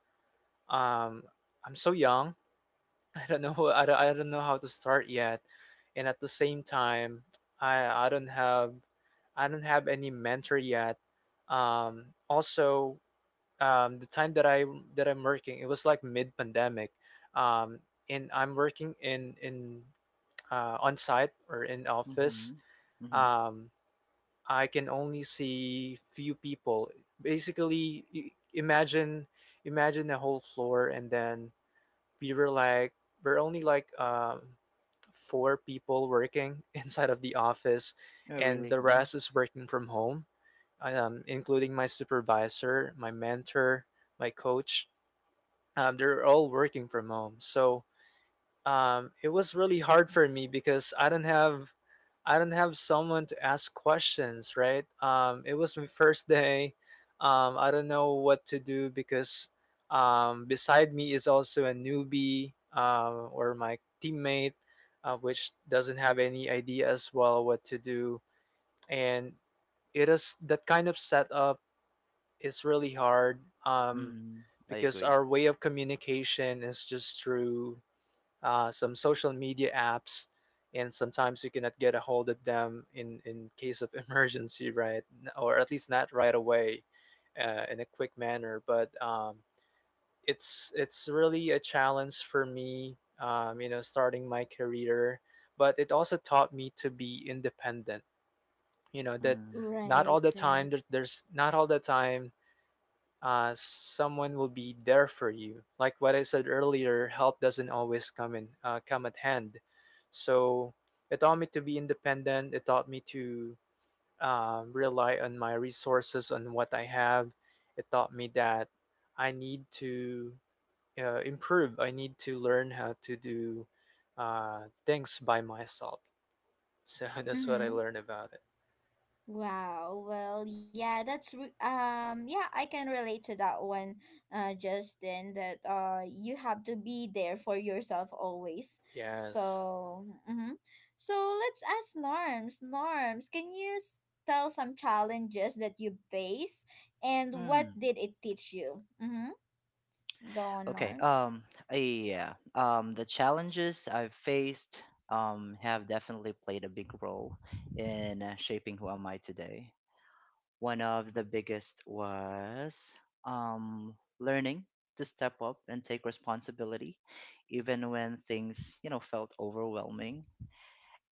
B: um I'm so young. I don't know I don't, I don't know how to start yet. And at the same time, I I don't have I don't have any mentor yet. Um, also, um, the time that I that I'm working, it was like mid pandemic, um, and I'm working in in uh, on site or in office.
C: Mm-hmm. Mm-hmm.
B: Um, I can only see few people. Basically, i- imagine imagine the whole floor, and then we were like we're only like um four people working inside of the office,
C: Oh,
B: and
C: really?
B: the
C: Mm-hmm.
B: rest is working from home, um, including my supervisor, my mentor, my coach. Um, they're all working from home. So um, it was really hard for me because I don't have I don't have someone to ask questions, right? Um, it was my first day. Um, I don't know what to do because um, beside me is also a newbie, um, or my teammate, uh, which doesn't have any idea as well what to do. And it is that kind of setup is really hard, um,
C: Mm, I
B: because
C: agree.
B: our way of communication is just through uh, some social media apps, and sometimes you cannot get a hold of them in, in case of emergency, right? Or at least not right away, uh, in a quick manner. But um, it's it's really a challenge for me, um, you know, starting my career. But it also taught me to be independent, you know, that
C: Mm,
B: not all
A: Right,
B: the
A: right.
B: time, there- there's not all the time uh, someone will be there for you. Like what I said earlier, help doesn't always come in uh, come at hand. So it taught me to be independent. It taught me to um, rely on my resources, on what I have. It taught me that I need to uh, improve. I need to learn how to do uh, things by myself. So that's what I
A: Mm-hmm.
B: learned about it.
A: Wow. Well, yeah, that's re- um yeah, I can relate to that one, uh, Justin, that uh you have to be there for yourself always.
B: Yes.
A: So, mm-hmm. So let's ask Norms. Norms, can you s- tell some challenges that you face and what
C: hmm.
A: did it teach you? Mm-hmm. Go on,
C: Okay.
A: Norms.
C: Um. uh, Yeah. Um. The challenges I've faced um have definitely played a big role in uh, shaping who am I today. One of the biggest was um learning to step up and take responsibility, even when things you know felt overwhelming.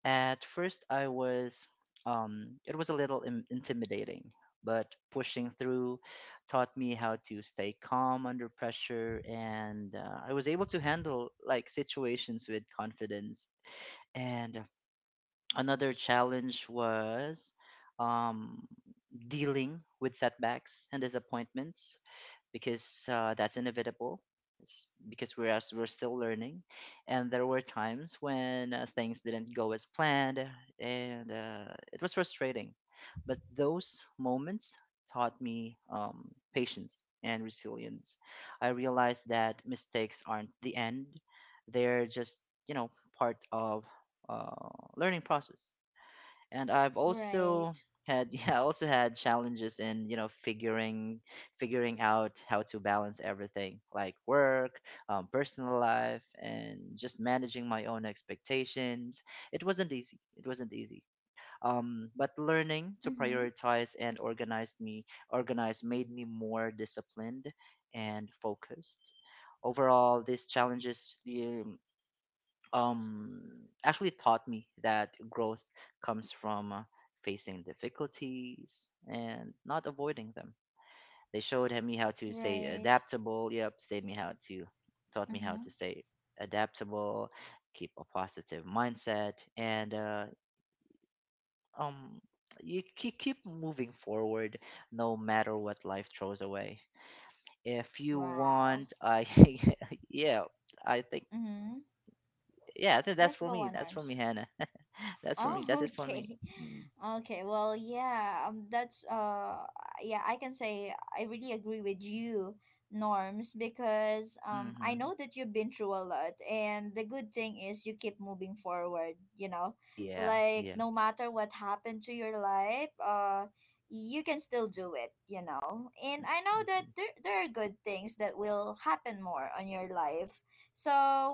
C: At first, I was, um, it was a little in- intimidating, but pushing through taught me how to stay calm under pressure, and uh, I was able to handle like situations with confidence. And another challenge was um, dealing with setbacks and disappointments because uh, that's inevitable. It's because we're as we're still learning, and there were times when uh, things didn't go as planned, and uh, it was frustrating. But those moments taught me um, patience and resilience. I realized that mistakes aren't the end; they're just you know part of uh, learning process. And I've
A: Right.
C: also had yeah, I also had challenges in you know figuring figuring out how to balance everything like work, um, personal life, and just managing my own expectations. It wasn't easy. It wasn't easy. Um, but learning to
A: Mm-hmm.
C: prioritize and organize me organize made me more disciplined and focused. Overall, these challenges yeah, um actually taught me that growth comes from uh, facing difficulties and not avoiding them. They showed me how to stay
A: Right.
C: adaptable. Yep, stayed me how to taught me how
A: Mm-hmm.
C: to stay adaptable, keep a positive mindset, and uh, um you keep keep moving forward no matter what life throws away. If you
A: Wow.
C: want, I yeah, I think
A: Mm-hmm.
C: yeah, I think that's
A: Yes,
C: for
A: go
C: me.
A: on,
C: That's for me,
A: Norms.
C: Hannah. that's for me. That's
A: Oh,
C: it for me.
A: okay.
C: Mm,
A: Okay, well, yeah, um, that's uh yeah, I can say I really agree with you, Norms, because um I
C: Mm-hmm.
A: know that you've been through a lot and the good thing is you keep moving forward, you know.
C: Yeah,
A: Like,
C: yeah,
A: no matter what happened to your life, uh you can still do it, you know. And I know that
C: mm-hmm.
A: there, there are good things that will happen more on your life. So,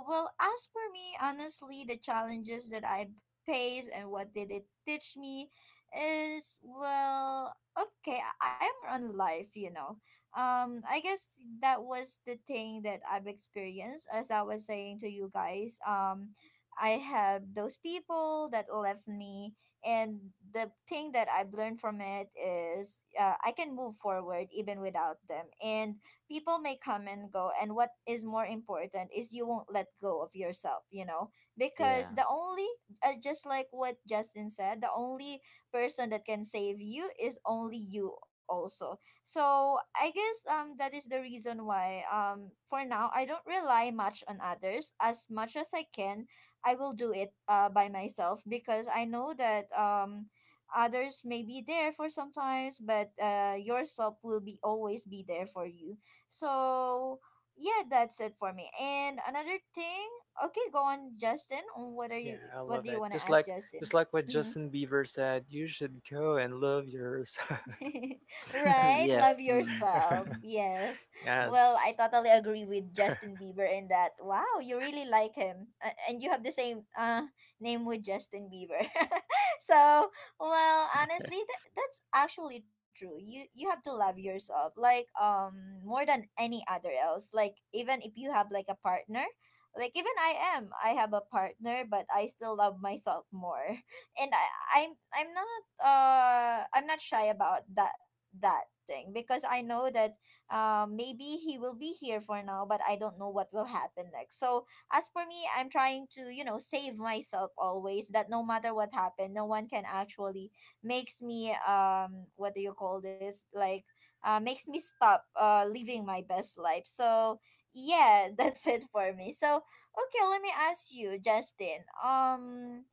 A: well, as for me, honestly, the challenges that I've pace and what did it teach me is, well, okay, i I am more on life, you know. Um, I guess that was the thing that I've experienced. As I was saying to you guys, um, I have those people that left me, and the thing that I've learned from it is, uh, I can move forward even without them. And people may come and go, and what is more important is you won't let go of yourself, you know,
C: Yeah,
A: because the only uh, just like what Justin said, the only person that can save you is only you also. So I guess um that is the reason why um for now I don't rely much on others as much as I can. I will do it uh by myself, because I know that um others may be there for sometimes, but uh yourself will be always be there for you. So yeah, that's it for me. And another thing, okay, go on, Justin. What are
B: Yeah,
A: you?
B: I
A: What
B: love
A: do you
B: that.
A: want to
B: Just
A: ask,
B: like
A: Justin?
B: just like what
A: Mm-hmm.
B: Justin Bieber said, you should go and love yourself.
A: Right?
C: yeah.
A: Love
C: Mm-hmm.
A: yourself. Yes. Well, I
B: Yes.
A: totally agree with Justin Bieber in that. Wow, you really like him. A- And you have the same uh name with Justin Bieber. So, well, honestly, that, that's actually true. You you have to love yourself like um more than any other else. Like, even if you have like a partner, like, even I am, I have a partner, but I still love myself more. And I I'm I'm not uh I'm not shy about that that thing, because I know that uh, maybe he will be here for now, but I don't know what will happen next. So as for me, I'm trying to, you know, save myself always, that no matter what happened, no one can actually makes me um what do you call this, like, uh makes me stop uh living my best life. So yeah, that's it for me. So okay, let me ask you, Justin. Um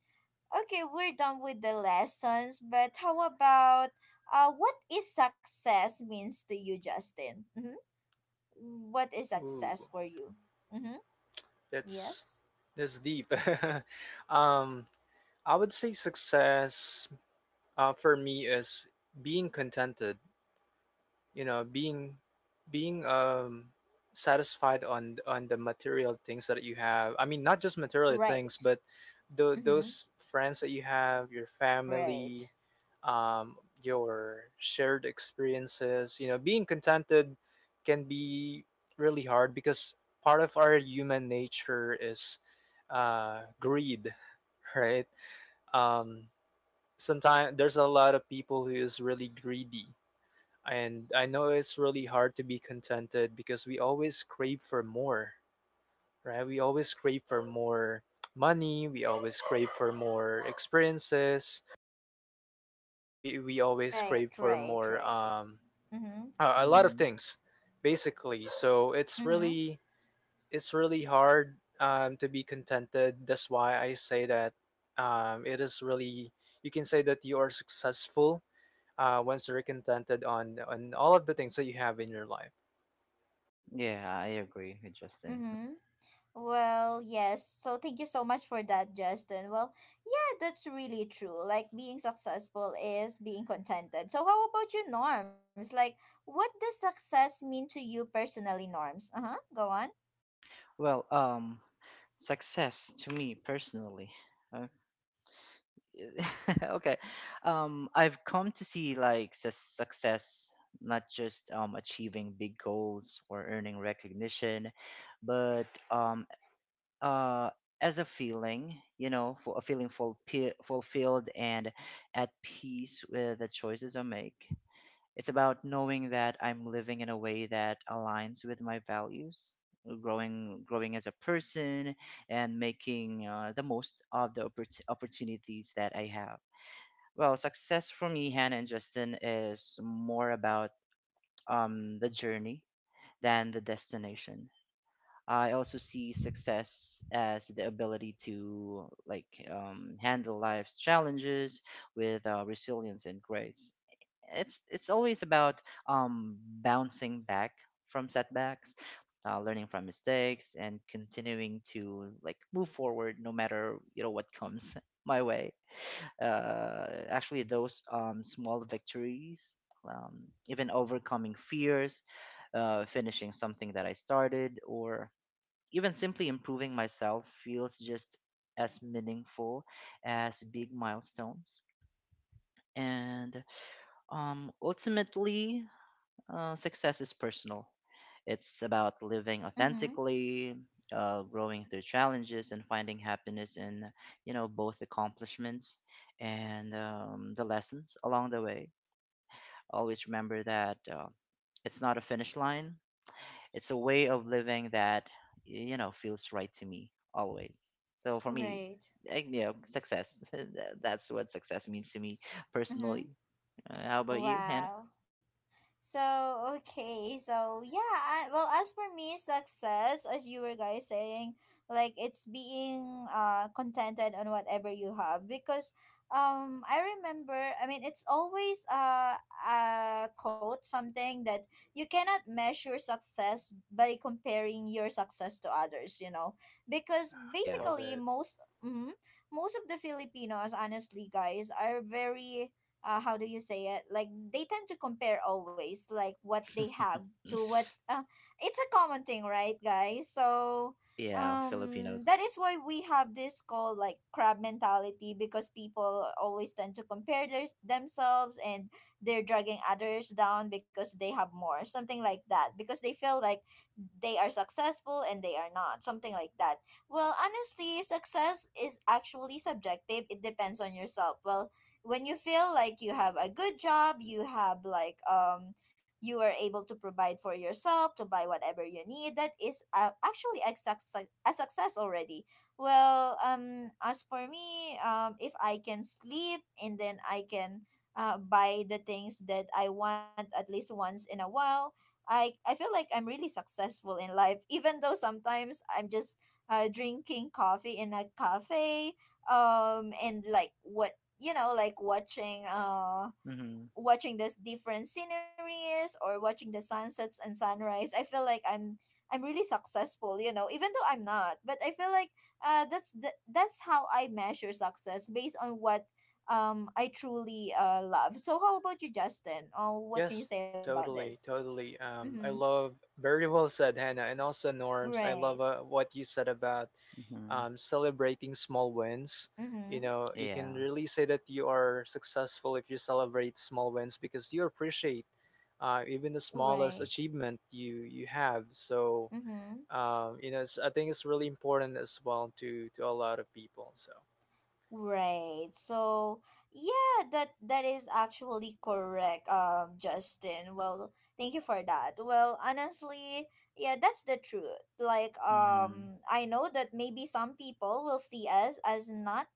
A: Okay, we're done with the lessons, but how about uh, what is success means to you, Justin? Mm-hmm. What is success
B: Ooh,
A: for you? Mm-hmm.
B: that's
A: Yes.
B: that's deep. um, I would say success, uh, for me, is being contented. You know, being being um satisfied on on the material things that you have. I mean, not just material things,
A: Right.
B: but tho-
A: Mm-hmm.
B: those friends that you have, your
A: Right.
B: family, um, your shared experiences. You know, being contented can be really hard because part of our human nature is, uh, greed, right? Um, Sometimes there's a lot of people who is really greedy. And I know it's really hard to be contented because we always crave for more, right? We always crave for more money. We always crave for more experiences. We, we always
A: Right.
B: crave for
A: Right.
B: more,
A: Right.
B: um,
A: Mm-hmm.
B: uh, a lot of
C: Mm-hmm.
B: things basically. So it's
A: Mm-hmm.
B: really, it's really hard, um, to be contented. That's why I say that, um, it is really, you can say that you are successful uh, once you're contented on on all of the things that you have in your life.
C: Yeah, I agree with Justin.
A: Mm-hmm. Well, yes. So thank you so much for that, Justin. Well, yeah, that's really true. Like, being successful is being contented. So how about you, Norms? Like, what does success mean to you personally, Norms? Uh huh. Go on.
C: Well, um, success to me personally. uh, okay, um, I've come to see like su- success not just um achieving big goals or earning recognition, but um uh, as a feeling, you know, for a feeling fulpi- fulfilled and at peace with the choices I make. It's about knowing that I'm living in a way that aligns with my values, growing, growing as a person, and making uh, the most of the oppor- opportunities that I have. Well, success for me, Hannah and Justin, is more about um, the journey than the destination. I also see success as the ability to like um, handle life's challenges with uh, resilience and grace. It's it's always about um, bouncing back from setbacks, uh, learning from mistakes, and continuing to like move forward no matter you know what comes my way. Uh, actually, those um, small victories, um, even overcoming fears, uh, finishing something that I started, or even simply improving myself feels just as meaningful as big milestones. And um, ultimately, uh, success is personal. It's about living
A: Mm hmm.
C: authentically, uh, growing through challenges, and finding happiness in you know both accomplishments and um, the lessons along the way. Always remember that uh, it's not a finish line. It's a way of living that you know feels right to me always. So for me,
A: Right.
C: eh, you know, success. tha- That's what success means to me
A: Mm
C: personally.
A: hmm.
C: Uh, how about you, Hannah?
A: Wow. So okay, so yeah, I, well, as for me, success, as you were guys saying, like, it's being uh contented on whatever you have, because um I remember, I mean, it's always uh a quote, something that you cannot measure success by comparing your success to others, you know, because
C: Yeah,
B: Love
A: basically
B: it.
A: most mm, most of the Filipinos honestly, guys, are very uh, how do you say it? Like, they tend to compare always, like, what they have to what. Uh, it's a common thing, right, guys? So,
C: yeah,
A: um,
C: Filipinos.
A: that is why we have this called like crab mentality, because people always tend to compare their themselves and they're dragging others down because they have more, something like that, because they feel like they are successful and they are not, something like that. Well, honestly, success is actually subjective. It depends on yourself. Well, when you feel like you have a good job, you have like um you are able to provide for yourself to buy whatever you need, that is uh, actually a, success, a success already. Well, um, as for me, um, if I can sleep, and then I can uh, buy the things that I want at least once in a while, i I feel like I'm really successful in life, even though sometimes I'm just uh, drinking coffee in a cafe, um and like what, you know, like watching uh
C: Mm Mhm,
A: watching this different sceneries or watching the sunsets and sunrise, I feel like i'm I'm really successful, you know, even though I'm not, but I feel like uh that's the, that's how I measure success based on what um I truly uh love. So how about you, Justin? Oh, what can you
B: Yes.
A: say about this?
B: totally totally
A: Mm-hmm.
B: um, I love, very well said, Hannah. And also Norms, I
A: Right.
B: love uh, what you said about,
C: mm mhm,
B: um, celebrating small wins. You
A: Mm-hmm.
B: know, you can
C: yeah,
B: really say that you are successful if you celebrate small wins because you appreciate, uh, even the
A: Right.
B: smallest achievement you you have. So
A: Mm-hmm.
B: um, you know, it's, I think it's really important as well to to a lot of people. So
A: Right. So, yeah, that that is actually correct, um, Justin. Well, thank you for that. Well, honestly, yeah, that's the truth. Like,
C: mm mhm,
A: um, I know that maybe some people will see us as not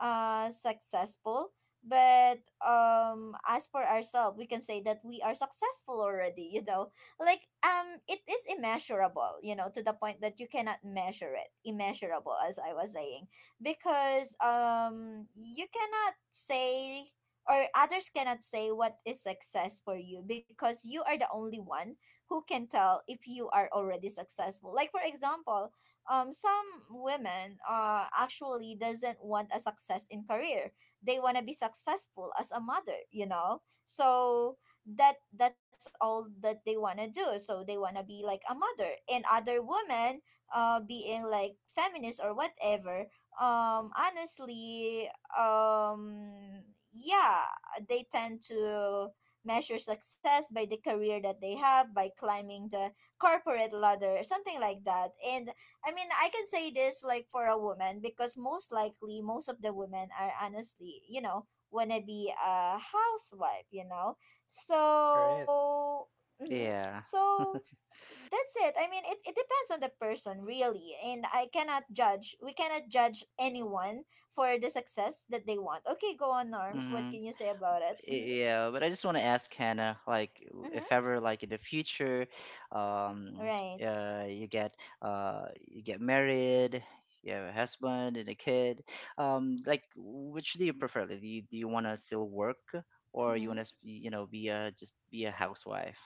A: uh successful, but um as for ourselves we can say that we are successful already, you know. Like, um, it is immeasurable, you know, to the point that you cannot measure it, immeasurable, as I was saying, because um you cannot say or others cannot say what is success for you, because you are the only one who can tell if you are already successful. Like, for example, um some women uh actually doesn't want a success in career. They want to be successful as a mother, you know. So that that's all that they want to do. So they want to be like a mother, and other women uh being like feminist or whatever, um, honestly, um yeah, they tend to measure success by the career that they have, by climbing the corporate ladder, something like that. And I mean, I can say this like for a woman, because most likely most of the women are honestly, you know, wanna be a housewife, you know.
B: all right,
A: So, hmm,
C: yeah.
A: so that's it. I mean, it, it depends on the person really, and I cannot judge. We cannot judge anyone for the success that they want. Okay, go on, Norms. What can you say about it? Mm-hmm.
C: Yeah, but I just want to ask Hannah, like, w-
A: Mm-hmm.
C: if ever, like, in the future, um,
A: Right.
C: uh, you get, uh, you get married, you have a husband and a kid, um, like, which do you prefer? Like, do you, do you want to still work, or you
A: Mm-hmm.
C: want to, you know, be a just be a housewife?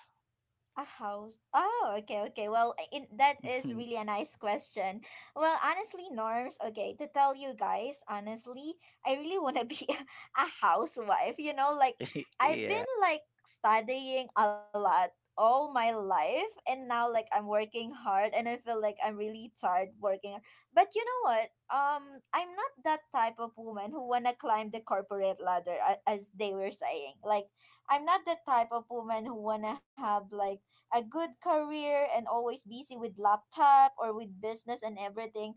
A: A house. Oh, okay, okay. Well, it, that is really a nice question. Well, honestly, Norms, okay, to tell you guys, honestly, I really want to be a housewife. You know, like, I've
C: Yeah.
A: been, like, studying a lot all my life, and now, like, I'm working hard, and I feel like I'm really tired working. But you know what? Um, I'm not that type of woman who want to climb the corporate ladder, a- as they were saying. Like, I'm not the type of woman who wanna have like a good career and always busy with laptop or with business and everything.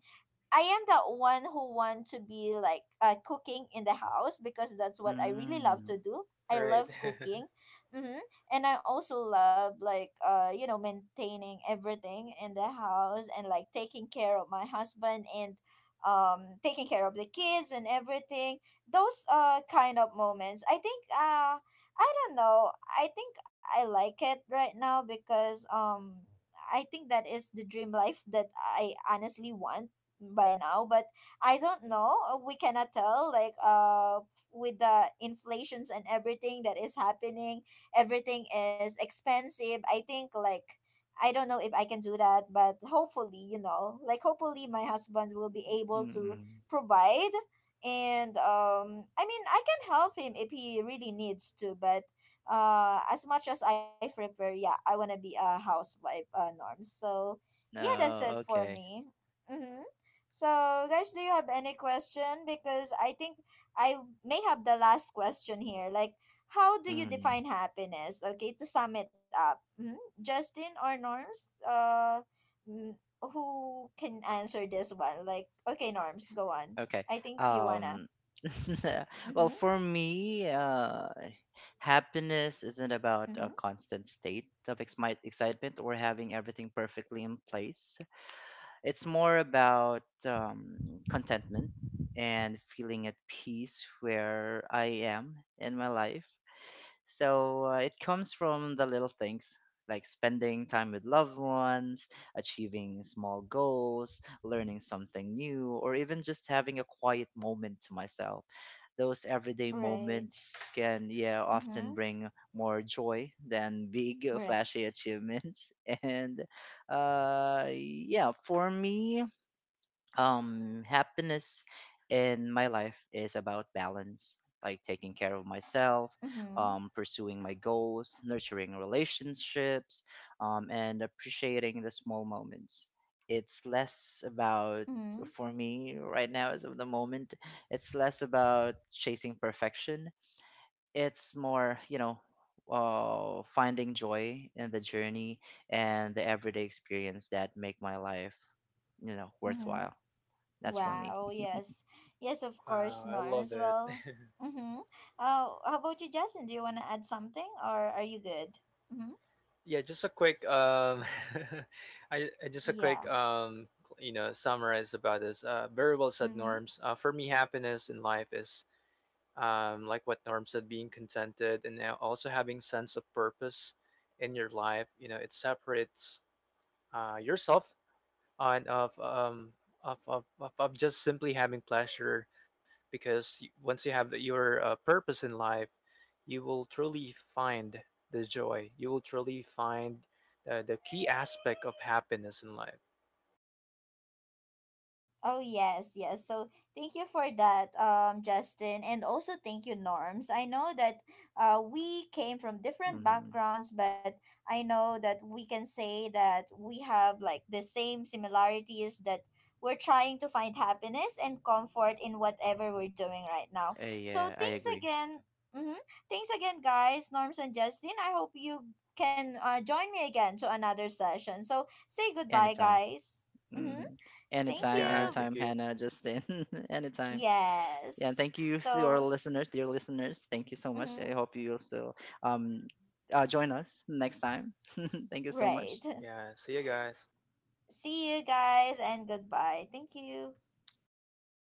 A: I am that one who want to be like uh, cooking in the house, because that's what I really love
C: Mm,
A: to do. I
B: right.
A: love cooking, mm-hmm, and I also love like uh you know maintaining everything in the house, and like taking care of my husband and um taking care of the kids and everything. Those uh kind of moments, I think uh I don't know. I think I like it right now, because um I think that is the dream life that I honestly want by now, but I don't know, uh, we cannot tell, like, uh with the inflations and everything that is happening, everything is expensive. I think, like, I don't know if I can do that, but hopefully, you know, like, hopefully my husband will be able to
C: mm,
A: provide. And um I mean, I can help him if he really needs to, but uh as much as I prefer, yeah, I want to be a housewife, uh Norm. So yeah, that's it
C: no,
A: for
C: okay.
A: me. Mm-hmm. So, guys, do you have any question? Because I think I may have the last question here, like, how do you
C: Mm.
A: define happiness? Okay, to sum it up, hmm, Justin or Norms, uh mm, who can answer this one? Like, okay, Norms, go on.
C: Okay.
A: I think you wanna.
C: Um, well,
A: Mm-hmm.
C: for me, uh, happiness isn't about a
A: Mm-hmm.
C: constant state of ex- my excitement or having everything perfectly in place. It's more about um, contentment and feeling at peace where I am in my life. So uh, it comes from the little things like spending time with loved ones, achieving small goals, learning something new, or even just having a quiet moment to myself. Those everyday
A: Right.
C: moments can, yeah,
A: Mm-hmm.
C: often bring more joy than big,
A: Right.
C: uh, flashy achievements. And uh, yeah, for me, um happiness in my life is about balance, like taking care of myself,
A: Mm-hmm.
C: um pursuing my goals, nurturing relationships, um and appreciating the small moments. It's less about
A: Mm-hmm.
C: For me right now as of the moment, it's less about chasing perfection. It's more, you know, uh, finding joy in the journey and the everyday experience that make my life you know
A: Mm-hmm.
C: worthwhile. That's for me.
A: Wow, yes. Yes, of course,
B: Wow, I love
A: Norms.
B: it.
A: Well, mm-hmm. Oh, how about you, Justin? Do you wanna add something, or are you good? Mm-hmm.
B: Yeah, just a quick,
A: S-
B: um, I I- just a
A: yeah.
B: quick, um, you know, summarize about this. Uh, very well said,
A: Mm-hmm.
B: Norms. Uh, for me, happiness in life is, um, like what Norm said, being contented and now also having sense of purpose in your life. You know, it separates uh, yourself and of, um, of, of of of just simply having pleasure. Because once you have your uh, purpose in life, you will truly find the joy. You will truly find uh, the key aspect of happiness in life.
A: Oh yes, yes. So thank you for that, um, Justin, and also thank you, Norms. I know that uh, we came from different
C: hmm
A: backgrounds, but I know that we can say that we have like the same similarities, that we're trying to find happiness and comfort in whatever we're doing right now. So
C: yeah, I
A: thanks
C: agree.
A: again. Mm-hmm. Thanks again, guys, Norms and Justin. I hope you can uh, join me again to another session. So say goodbye,
C: Anytime.
A: guys. Mm-hmm.
C: Hmm
A: Thank
B: That's
C: Anytime,
B: Yeah,
A: you.
B: thank
C: anytime,
B: you.
C: Hannah, Justin, anytime. Yeah, and
A: Yes.
C: thank you to our
A: So,
C: listeners, dear listeners. Thank you so much. I
A: mhm,
C: hope you'll still um uh, join us next time. Thank you so
A: right.
C: much.
B: Yeah, see you guys.
A: See you guys, and goodbye. Thank you.
C: Bye bye.